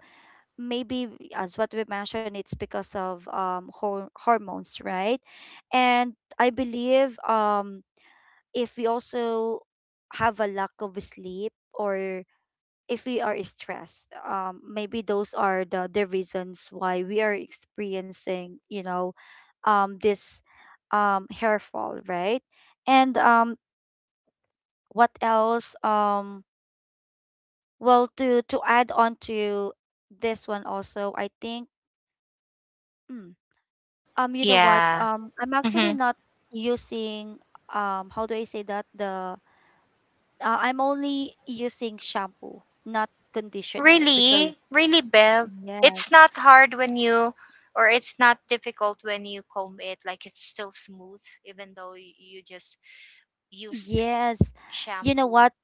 A: maybe, as what we mentioned, it's because of um hor- hormones, right? And I believe, um if we also have a lack of sleep, or if we are stressed, um maybe those are the the reasons why we are experiencing, you know, um this um hair fall, right? And um what else? Um well, to to add on to this one also, I think, mm, um you know what,
B: Yeah.
A: um I'm actually
B: Mhm.
A: not using, um how do I say that, the, uh, I'm only using shampoo, not conditioner, because
B: Really? Really, Bev? It's
A: yes.
B: not hard when you, or it's not difficult when you comb it, like, it's still smooth, even though y- you just used
A: Yes. You know
B: shampoo.
A: what?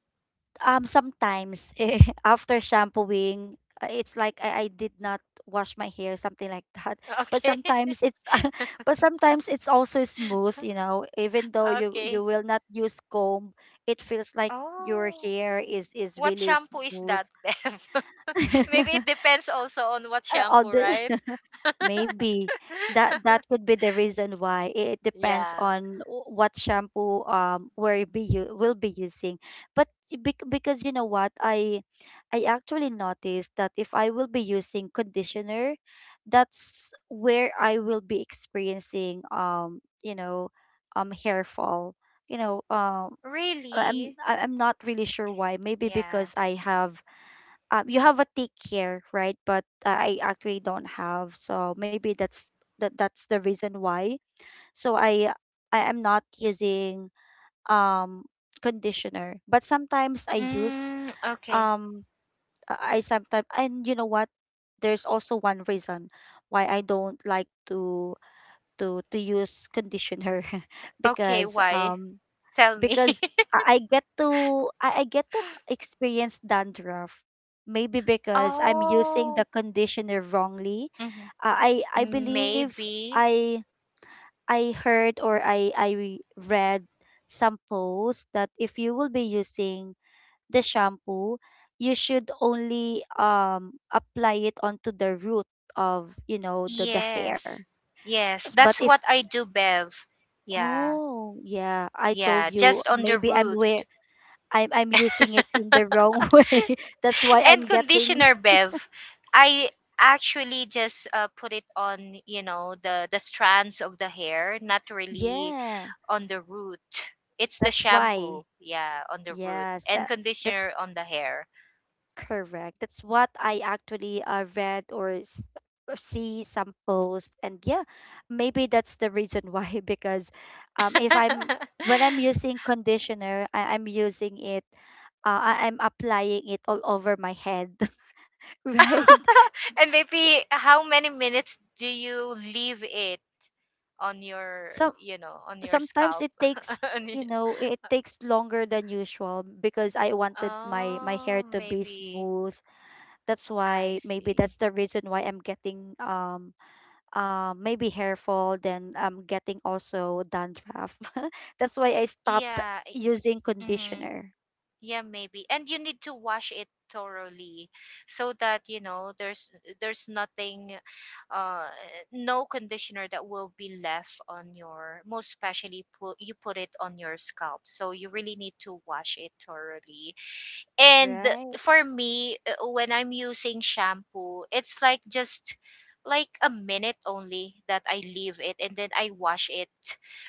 A: Um, sometimes eh, after shampooing, uh, it's like I, I did not wash my hair, something like that. But
B: Okay.
A: sometimes it's, but sometimes it's also smooth, you know. Even though you
B: Okay.
A: you will not use comb, it feels like your
B: Oh.
A: hair is is
B: What
A: really
B: shampoo is
A: smooth.
B: that, Bev? Maybe it depends also on what
A: uh, all
B: shampoo,
A: the
B: right?
A: maybe that, that could be the reason why. It depends
B: Yeah.
A: on w- what shampoo um will be, you will be using. But bec- because you know what, i i actually noticed that if I will be using conditioner, that's where I will be experiencing, um you know, um hair fall. You know, um I- i'm
B: Really?
A: I- i'm not really sure why. Maybe because
B: Yeah.
A: I have, um, you have a tick here, right? But I I actually don't have, so maybe that's, that that's the reason why. So I I am not using um conditioner, but sometimes I used
B: Mm, okay.
A: um I, sometimes. And you know what? There's also one reason why I don't like to to to use conditioner
B: Okay,
A: because
B: why?
A: um
B: Tell me.
A: because I I get to I, I get to h- experience dandruff. Maybe because I'm using the
B: Oh,
A: conditioner wrongly.
B: mhm.
A: Uh, I I believe
B: Maybe.
A: I I heard, or I I re- read some posts that if you will be using the shampoo, you should only um apply it onto the root of, you know, the the hair.
B: Yes. Yes,
A: S- But
B: that's
A: if,
B: what I do, Bev. Yeah.
A: oh yeah, I told
B: Yeah,
A: you,
B: just on the
A: maybe I'm
B: root.
A: wear, I'm I'm using it in the wrong way. That's why
B: And
A: I'm getting
B: conditioner, Bev. I actually just, uh, put it on, you know, the the strands of the hair, not really
A: yeah.
B: on the root. It's the
A: That's why.
B: shampoo, yeah, on the root,
A: Yes,
B: and
A: that, that's
B: conditioner on the hair.
A: correct. That's what I actually uh, read, or s- or see some posts. And yeah, maybe that's the reason why because um if I'm, when I'm using conditioner, I, I'm using it, uh, I, I'm applying it all over my head, right?
B: And maybe how many minutes do you leave it on your,
A: So
B: you know, on your
A: sometimes
B: scalp?
A: it takes,
B: On y-
A: you know, it takes longer than usual because I wanted my my hair
B: oh,
A: to be
B: maybe.
A: smooth. That's
B: I
A: why, maybe that's
B: see.
A: the reason why I'm getting, um um maybe hair fall, then I'm getting also dandruff. That's why I stopped
B: Yeah,
A: using
B: mm-hmm.
A: conditioner,
B: Yeah, maybe. And you need to wash it thoroughly so that you know there's there's nothing, uh no conditioner that will be left on your, most especially, put you put it on your scalp, so you really need to wash it thoroughly. And
A: right.
B: for me, uh, when I'm using shampoo, it's like just, like, a minute only that I leave it, and then I wash it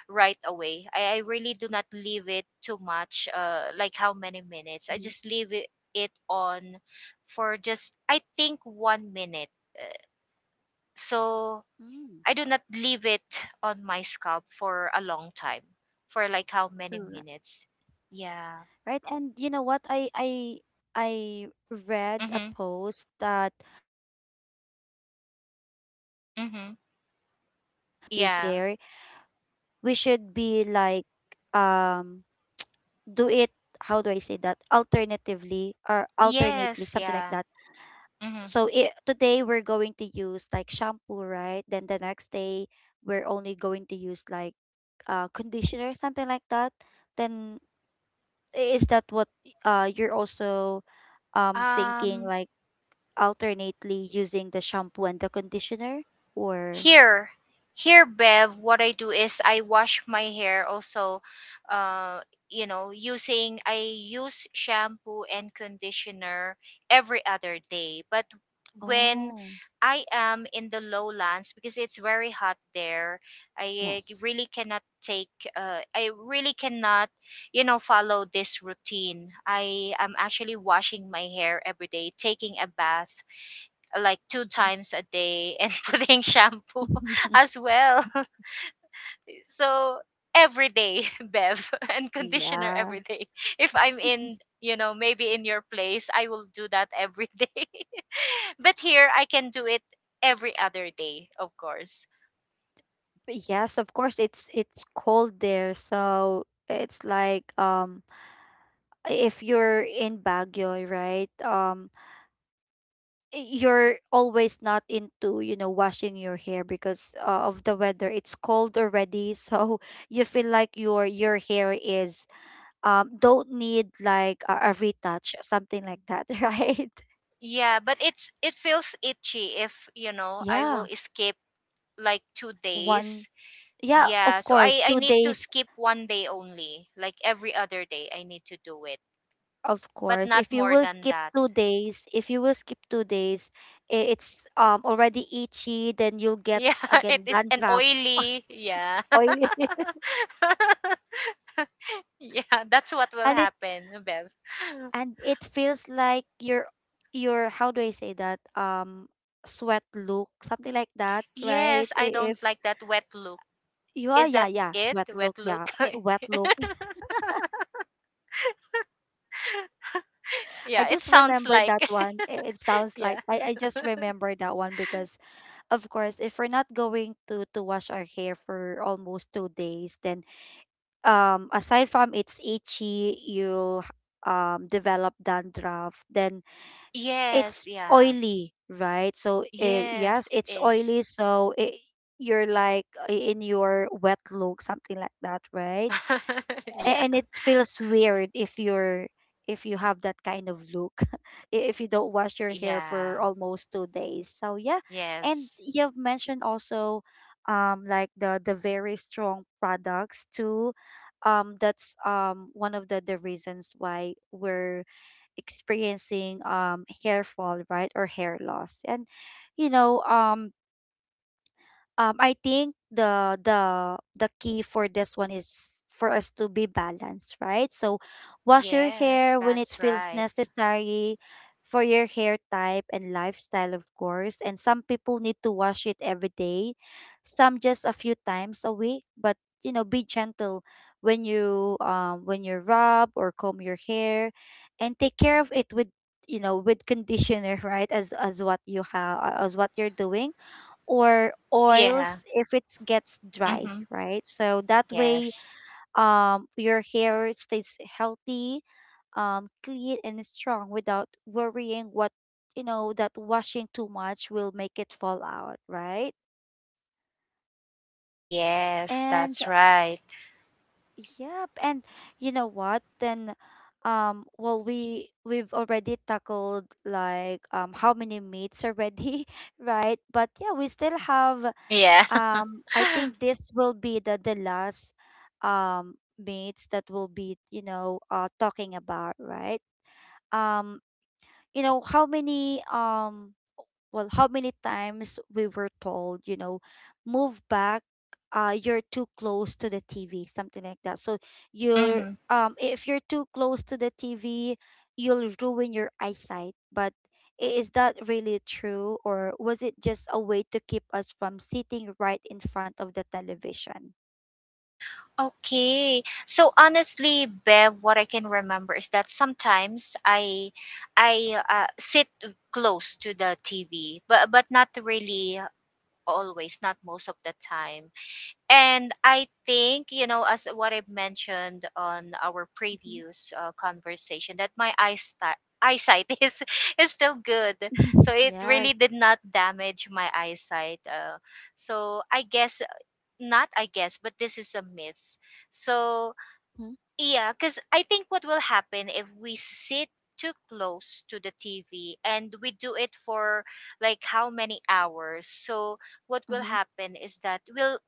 B: right away. I, I really do not leave it too much, uh, like how many
A: Mm-hmm.
B: minutes. I just leave it, it on for just, I think, one minute. Uh, So
A: Mm.
B: I do not leave it on my scalp for a long time, for like how many
A: Correct.
B: minutes. Yeah.
A: Right. And you know what, i i i read a
B: Mm-hmm.
A: post that, um, for us to have a
B: Mm-hmm.
A: healthy scalp or a healthy
B: Yeah.
A: hair, we should be like, um do it, how do I say that, alternatively, or alternately,
B: Yes,
A: something like
B: yeah.
A: that.
B: Mm-hmm.
A: So it, today we're going to use like shampoo, right? Then the next day we're only going to use like uh conditioner, something like that. Then i- is that what uh you're also um thinking,
B: Um,
A: like alternately using the shampoo and the conditioner, or,
B: here, here, Bev, what I do is I wash my hair also, uh, you know, using, I use shampoo and conditioner every other day. But when
A: oh,
B: I am in the lowlands, because it's very hot there, I, uh,
A: yes.
B: really cannot take, uh, I really cannot, you know, follow this routine. I am actually washing my hair every day, taking a bath like two
A: Mhm.
B: times a day and putting shampoo as well. So every day, Bev, and conditioner
A: Yeah,
B: every day. If I'm in, you know, maybe in your place, I will do that every day. But here I can do it every other day, of course.
A: yes, of course, it's it's cold there, so it's like, um if you're in Baguio, right, um y- you're always not into, you know, washing your hair because, uh, of the weather, it's cold already, so you feel like your your hair is, um don't need like a, a retouch, something like that, right.
B: Yeah, but it's it feels itchy if, you know, I
A: Yeah,
B: will skip like two
A: one.
B: days.
A: Yeah,
B: Yeah,
A: of
B: so
A: course,
B: I I
A: two
B: need to
A: days.
B: skip one day only. Like every other day I need to do it.
A: Of
B: But
A: course,
B: not
A: if you
B: more
A: will
B: than
A: skip
B: that.
A: two days, if you will skip two days, i- it's um already itchy. Then you'll get
B: Yeah, it
A: again
B: is an
A: dandruff,
B: oily. Yeah.
A: oily,
B: Yeah, that's what will
A: and it
B: happen, Bev.
A: and it feels like your your how do I say that, um sweat look, something like that,
B: Yes,
A: right?
B: I
A: I-
B: don't
A: If
B: like that wet look.
A: you are,
B: Is
A: yeah,
B: that
A: yeah,
B: it?
A: sweat
B: Wet
A: look, yeah,
B: look?
A: eh, wet look. I
B: Yeah, it
A: just
B: sounds
A: remembered that
B: like.
A: one. I- It sounds
B: Yeah.
A: like I I just remembered that one because of course, if we're not going to to wash our hair for almost two days, then um aside from it's itchy, you'll um develop dandruff. Then
B: Yes,
A: it's
B: yeah.
A: oily, right? So it,
B: Yes,
A: yes,
B: it
A: it's
B: is.
A: oily. So it, you're like i- in your wet look, something like that, right? A-
B: Yeah.
A: and it feels weird if you're if you have that kind of look, i- if you don't wash your hair for
B: Yeah.
A: almost two days, so yeah. And
B: Yes.
A: you've mentioned also, um like the the very strong products too, um that's um one of the the reasons why we're experiencing um hair fall, right? Or hair loss. And you know um um, I think the the the key for this one is for us to be balanced, right? So wash your
B: Yes,
A: hair when it
B: that's
A: feels
B: right.
A: necessary for your hair type and lifestyle, of course. And some people need to wash it every day, some just a few times a week. But you know, be gentle when you um when you rub or comb your hair, and take care of it with, you know, with conditioner, right? As as what you have, as what you're doing, or
B: Yeah.
A: oils if it gets dry,
B: Mm-hmm.
A: right? So that way,
B: Yes.
A: um, your hair stays healthy, um, clean and strong without worrying what, you know, that washing too much will make it fall out, right?
B: Yes,
A: And
B: that's right.
A: yep, and you know what? Then, um, well, we we've already tackled like, um how many meats already, right? But yeah, we still have,
B: Yeah.
A: um I think this will be the the last um mates that will be, you know, uh talking about, right? um you know how many, um well how many times we were told, you know, move back, uh you're too close to the T V, something like that. So you're,
B: Hmm.
A: um if you're too close to the T V, you'll ruin your eyesight. But I- is that really true, or was it just a way to keep us from sitting right in front of the television?
B: Okay. So honestly, Bev, what I can remember is that sometimes I I uh, sit close to the T V, but but not really always, not most of the time. And I think, you know, as what I've mentioned on our
A: Mhm.
B: previous, uh, conversation, that my eyesight eyesight is is still good. So it
A: Yes.
B: really did not damage my eyesight, uh, so I guess, not I guess, but this is a myth. So
A: Mm-hmm.
B: yeah. Because I think what will happen if we sit too close to the TV, and we do it for like how many hours, so what
A: Mm-hmm.
B: will happen is that we'll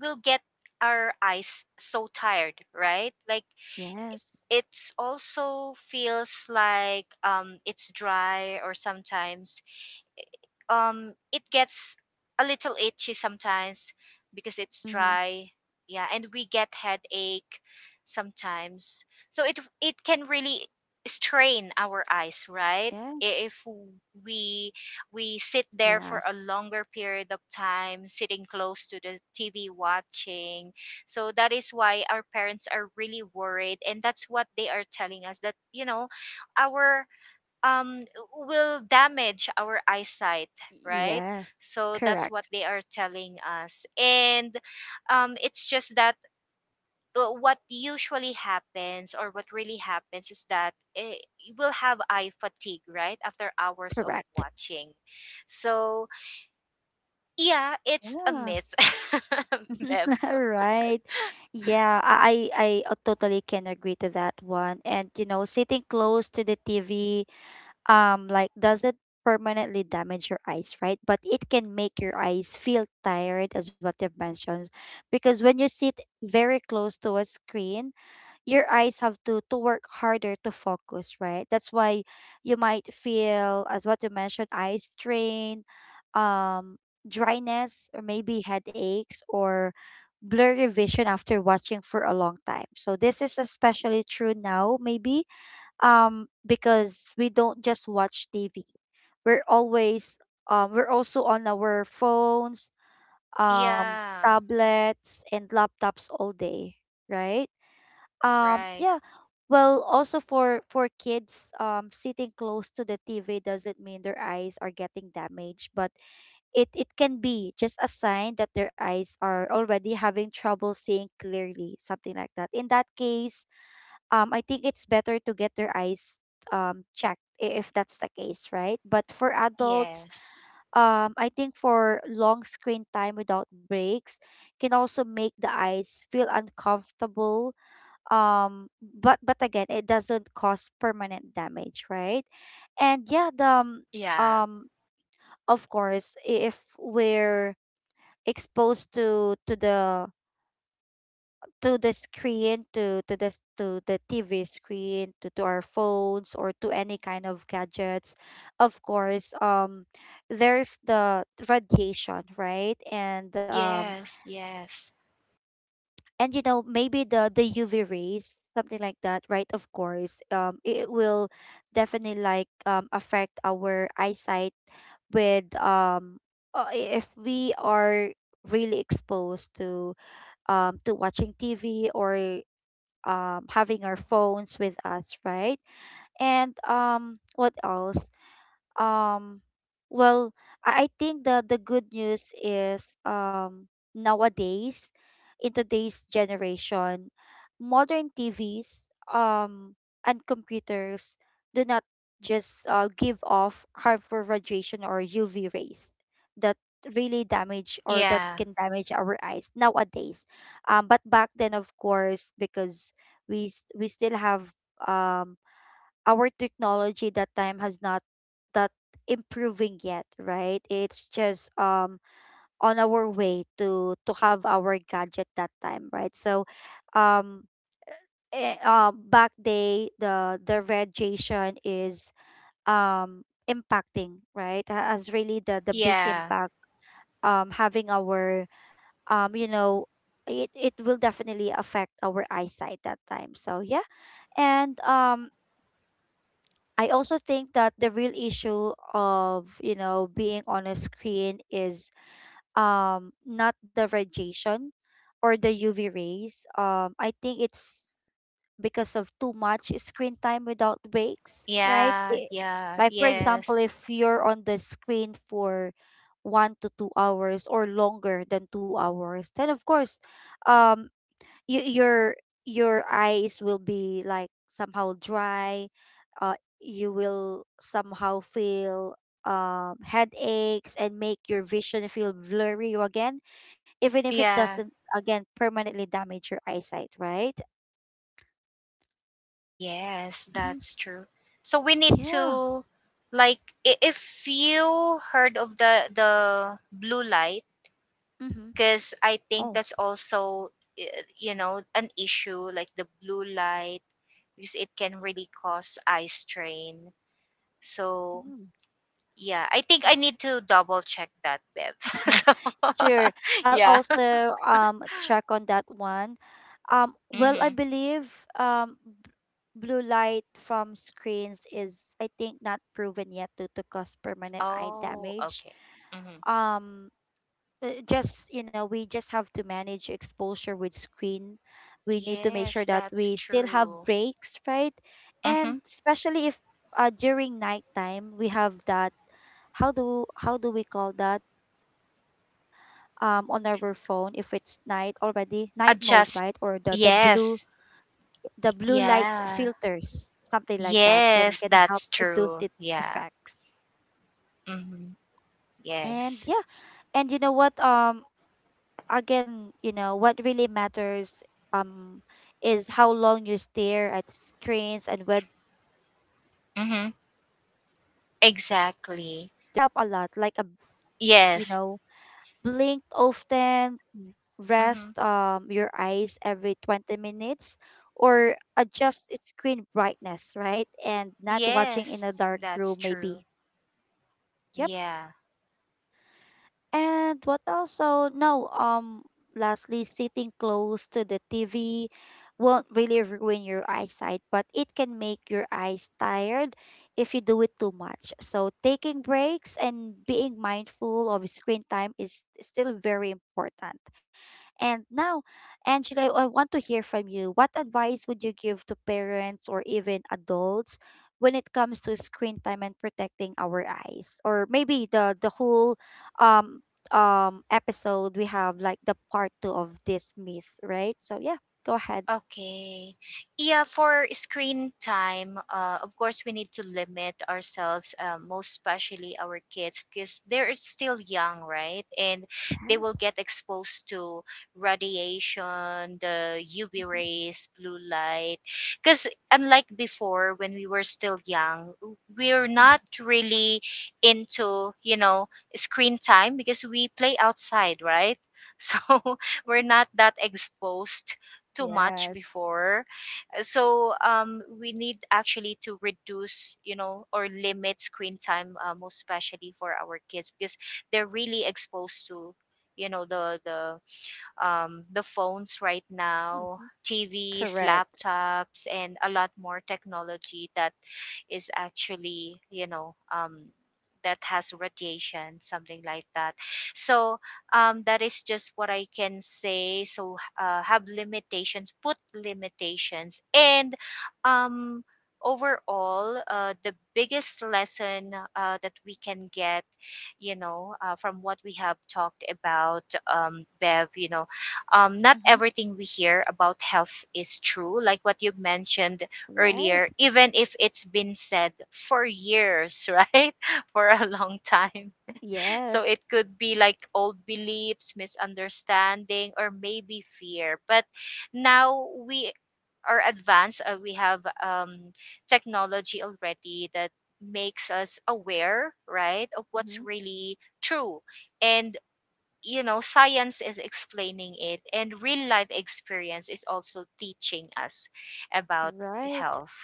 B: we'll get our eyes so tired, right? Like
A: Yes.
B: it's also feels like um it's dry, or sometimes um it gets a little itchy sometimes because it's
A: Mm-hmm.
B: dry. Yeah, and we get headache sometimes. So it it can really strain our
A: Yes.
B: eyes, right? I- if we
A: Yes.
B: we sit there for a longer period of time sitting close to the T V watching. So that is why our parents are really worried, and that's what they are telling us that, you know, our, um will damage our eyesight, right?
A: Yes.
B: So that's what
A: Correct.
B: they are telling us, and um it's just that, uh, what usually happens or what really happens is that, eh, you will have eye fatigue right after hours of
A: Correct.
B: watching. So yeah, it's a myth.
A: Yes.
B: Bev.
A: Right. Yeah, I I I totally can agree to that one. And you know, sitting close to the T V, um, like doesn't permanently damage your eyes, right? But it can make your eyes feel tired, as what you've mentioned, because when you sit very close to a screen, your eyes have to to work harder to focus, right? That's why you might feel, as what you mentioned, eye strain, um, dryness, or maybe headaches or blurry vision after watching for a long time. So this is especially true now, maybe, um, because we don't just watch T V. We're always um we're also on our phones, um,
B: Yeah.
A: tablets and laptops all day, right? Um,
B: Right.
A: yeah. Well, also for for kids, um, sitting close to the T V doesn't mean their eyes are getting damaged, but it it can be just a sign that their eyes are already having trouble seeing clearly, something like that. In that case, um, I think it's better to get their eyes um checked, i- if that's the case, right? But for adults,
B: Yes.
A: um, I think for long screen time without breaks can also make the eyes feel uncomfortable, um but but again, it doesn't cause permanent damage, right? And yeah, the um
B: Yeah.
A: um, of course, if we're exposed to to the to the screen to to the s- to the T V screen, to, to our phones or to any kind of gadgets, of course, um there's the radiation, right? And um
B: Yes. Yes.
A: and you know, maybe the the UV rays, something like that, right? Of course, um it will definitely like, um affect our eyesight with, um uh, i- if we are really exposed to, um to watching TV, or um having our phones with us, right? and um what else um, well, I I think the the good news is, um nowadays in today's generation, modern T Vs um and computers do not just, uh, give off harmful radiation or U V rays that really damage, or that
B: Yeah.
A: can damage our eyes nowadays. Um, but back then, of course, because we s- we still have, um our technology that time has not, that improving yet, right? It's just, um on our way to to have our gadget that time, right? So, um eh, uh, back day, the the radiation is, um impacting, right? Ha- Has really the the big
B: Yeah.
A: impact, um having our, um you know, it, it will definitely affect our eyesight that time. So yeah. And, um I also think that the real issue of, you know, being on a screen is, um not the radiation or the U V rays. Um I think it's because of too much screen time without breaks, right?
B: Yeah,
A: I-
B: yeah,
A: like for example,
B: yes.
A: if you're on the screen for one to two hours or longer than two hours, then of course, um you, your your eyes will be like somehow dry, uh you will somehow feel, um headaches and make your vision feel blurry again, even if it
B: Yeah,
A: doesn't again permanently damage your eyesight, right?
B: yes,
A: Mm-hmm.
B: that's true. So we need
A: Yeah.
B: to, like, i- if you heard of the the blue light,
A: Mm-hmm.
B: because I think
A: Oh.
B: that's also, uh, you know, an issue like the blue light, because it can really cause eye strain. So
A: Mm.
B: yeah, I think I need to double check that, Bev. So,
A: Sure. I'll
B: yeah.
A: also um check on that one. Um, well, I
B: Mhm.
A: believe, um, b- blue light from screens is, I think, not proven yet to, to cause permanent eye
B: Oh,
A: damage.
B: okay. Mm-hmm.
A: Um, uh, just, you know, we just have to manage exposure with screen. We need to make
B: Yes,
A: sure that
B: that's
A: we still have
B: true.
A: breaks, right?
B: Mm-hmm.
A: And especially if, uh, during nighttime we have that, how do how do we call that? Um on our phone, if it's night already, night mode, right? Or the
B: Adjust.
A: the blue
B: Yes.
A: the blue light
B: Yeah.
A: filters, something like that, can can
B: Yes,
A: help
B: that's
A: reduce its
B: true. Yeah.
A: effects.
B: Mm-hmm.
A: And
B: Yes.
A: yeah, and you know what? Um, again, you know what really matters. Um, is how long you stare at screens and whether you give your eyes
B: Mm-hmm.
A: a break. You know, simple
B: Exactly.
A: habits help a lot, like a, you
B: Yes.
A: know, blink often, rest,
B: Mm-hmm.
A: um, your eyes every twenty minutes, or adjust its screen brightness, right? And not watching in a
B: Yes,
A: dark
B: that's
A: room,
B: true.
A: maybe. Yep.
B: Yeah.
A: And what also? No, um, lastly, sitting close to the T V won't really ruin your eyesight, but it can make your eyes tired if you do it too much. So taking breaks and being mindful of screen time is still very important. And now, Angela, I want to hear from you. What advice would you give to parents or even adults when it comes to screen time and protecting our eyes? Or maybe the the whole, um um episode, we have like the part two of this myth, right? So yeah, go ahead.
B: Okay. Yeah, for screen time, uh, of course, we need to limit ourselves, uh, most especially our kids, because they're still young, right? And they will
A: Yes.
B: get exposed to radiation, the U V
A: Mm-hmm.
B: rays, blue light. Because unlike before, when we were still young, we're
A: Mm-hmm.
B: not really into, you know, screen time, because we play outside, right? So we're not that exposed too much
A: Yes.
B: before. Uh, so um we need actually to reduce, you know or limit screen time, uh, most especially for our kids, because they're really exposed to, you know the the um, the phones right now,
A: Mhm.
B: T Vs,
A: Correct.
B: laptops, and a lot more technology that is actually, you know, um, that has radiation, something like that. So um, that is just what I can say. So, uh, have limitations, put limitations, and, um, overall, uh, the biggest lesson, uh, that we can get, you know, uh, from what we have talked about, um, Bev, you know, um, not
A: Mm-hmm.
B: everything we hear about health is true. Like what you mentioned
A: Right.
B: earlier, even if it's been said for years, right? For a long time. So
A: Yes.
B: it could be like old beliefs, misunderstanding, or maybe fear. But now we are advanced, uh, we have, um, technology already that makes us aware, right, of what's
A: Mm-hmm.
B: really true. And you know, science is explaining it, and real life experience is also teaching us about
A: Right.
B: health.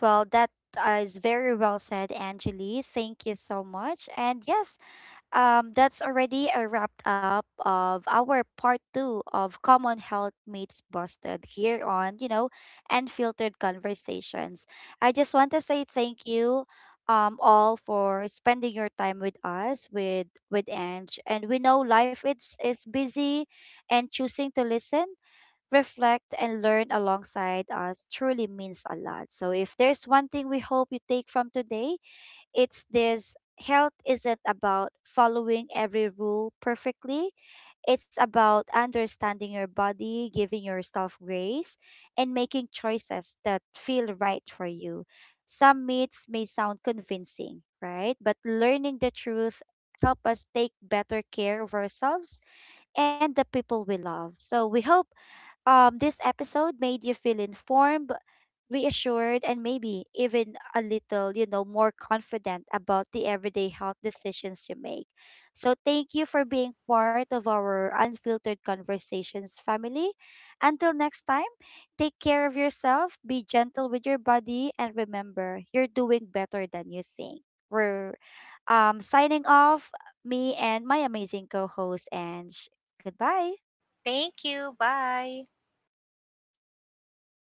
A: Well, that, uh, is very well said, Angeli. Thank you so much. And yes, um, that's already a wrap up of our part two of Common Health Meets Busted here on, you know, Unfiltered Conversations. I just want to say thank you, um, all for spending your time with us, with with Ange. And we know life it's, is busy, and choosing to listen, reflect, and learn alongside us truly means a lot. So, if there's one thing we hope you take from today, it's this: health isn't about following every rule perfectly. It's about understanding your body, giving yourself grace, and making choices that feel right for you. Some myths may sound convincing, right? But learning the truth help us take better care of ourselves and the people we love. So we hope, um, this episode made you feel informed, reassured, and maybe even a little, you know, more confident about the everyday health decisions you make. So, thank you for being part of our Unfiltered Conversations family. Until next time, take care of yourself, be gentle with your body, and remember, you're doing better than you think. We're, um, signing off, me and my amazing co host, and goodbye.
B: Thank you, bye.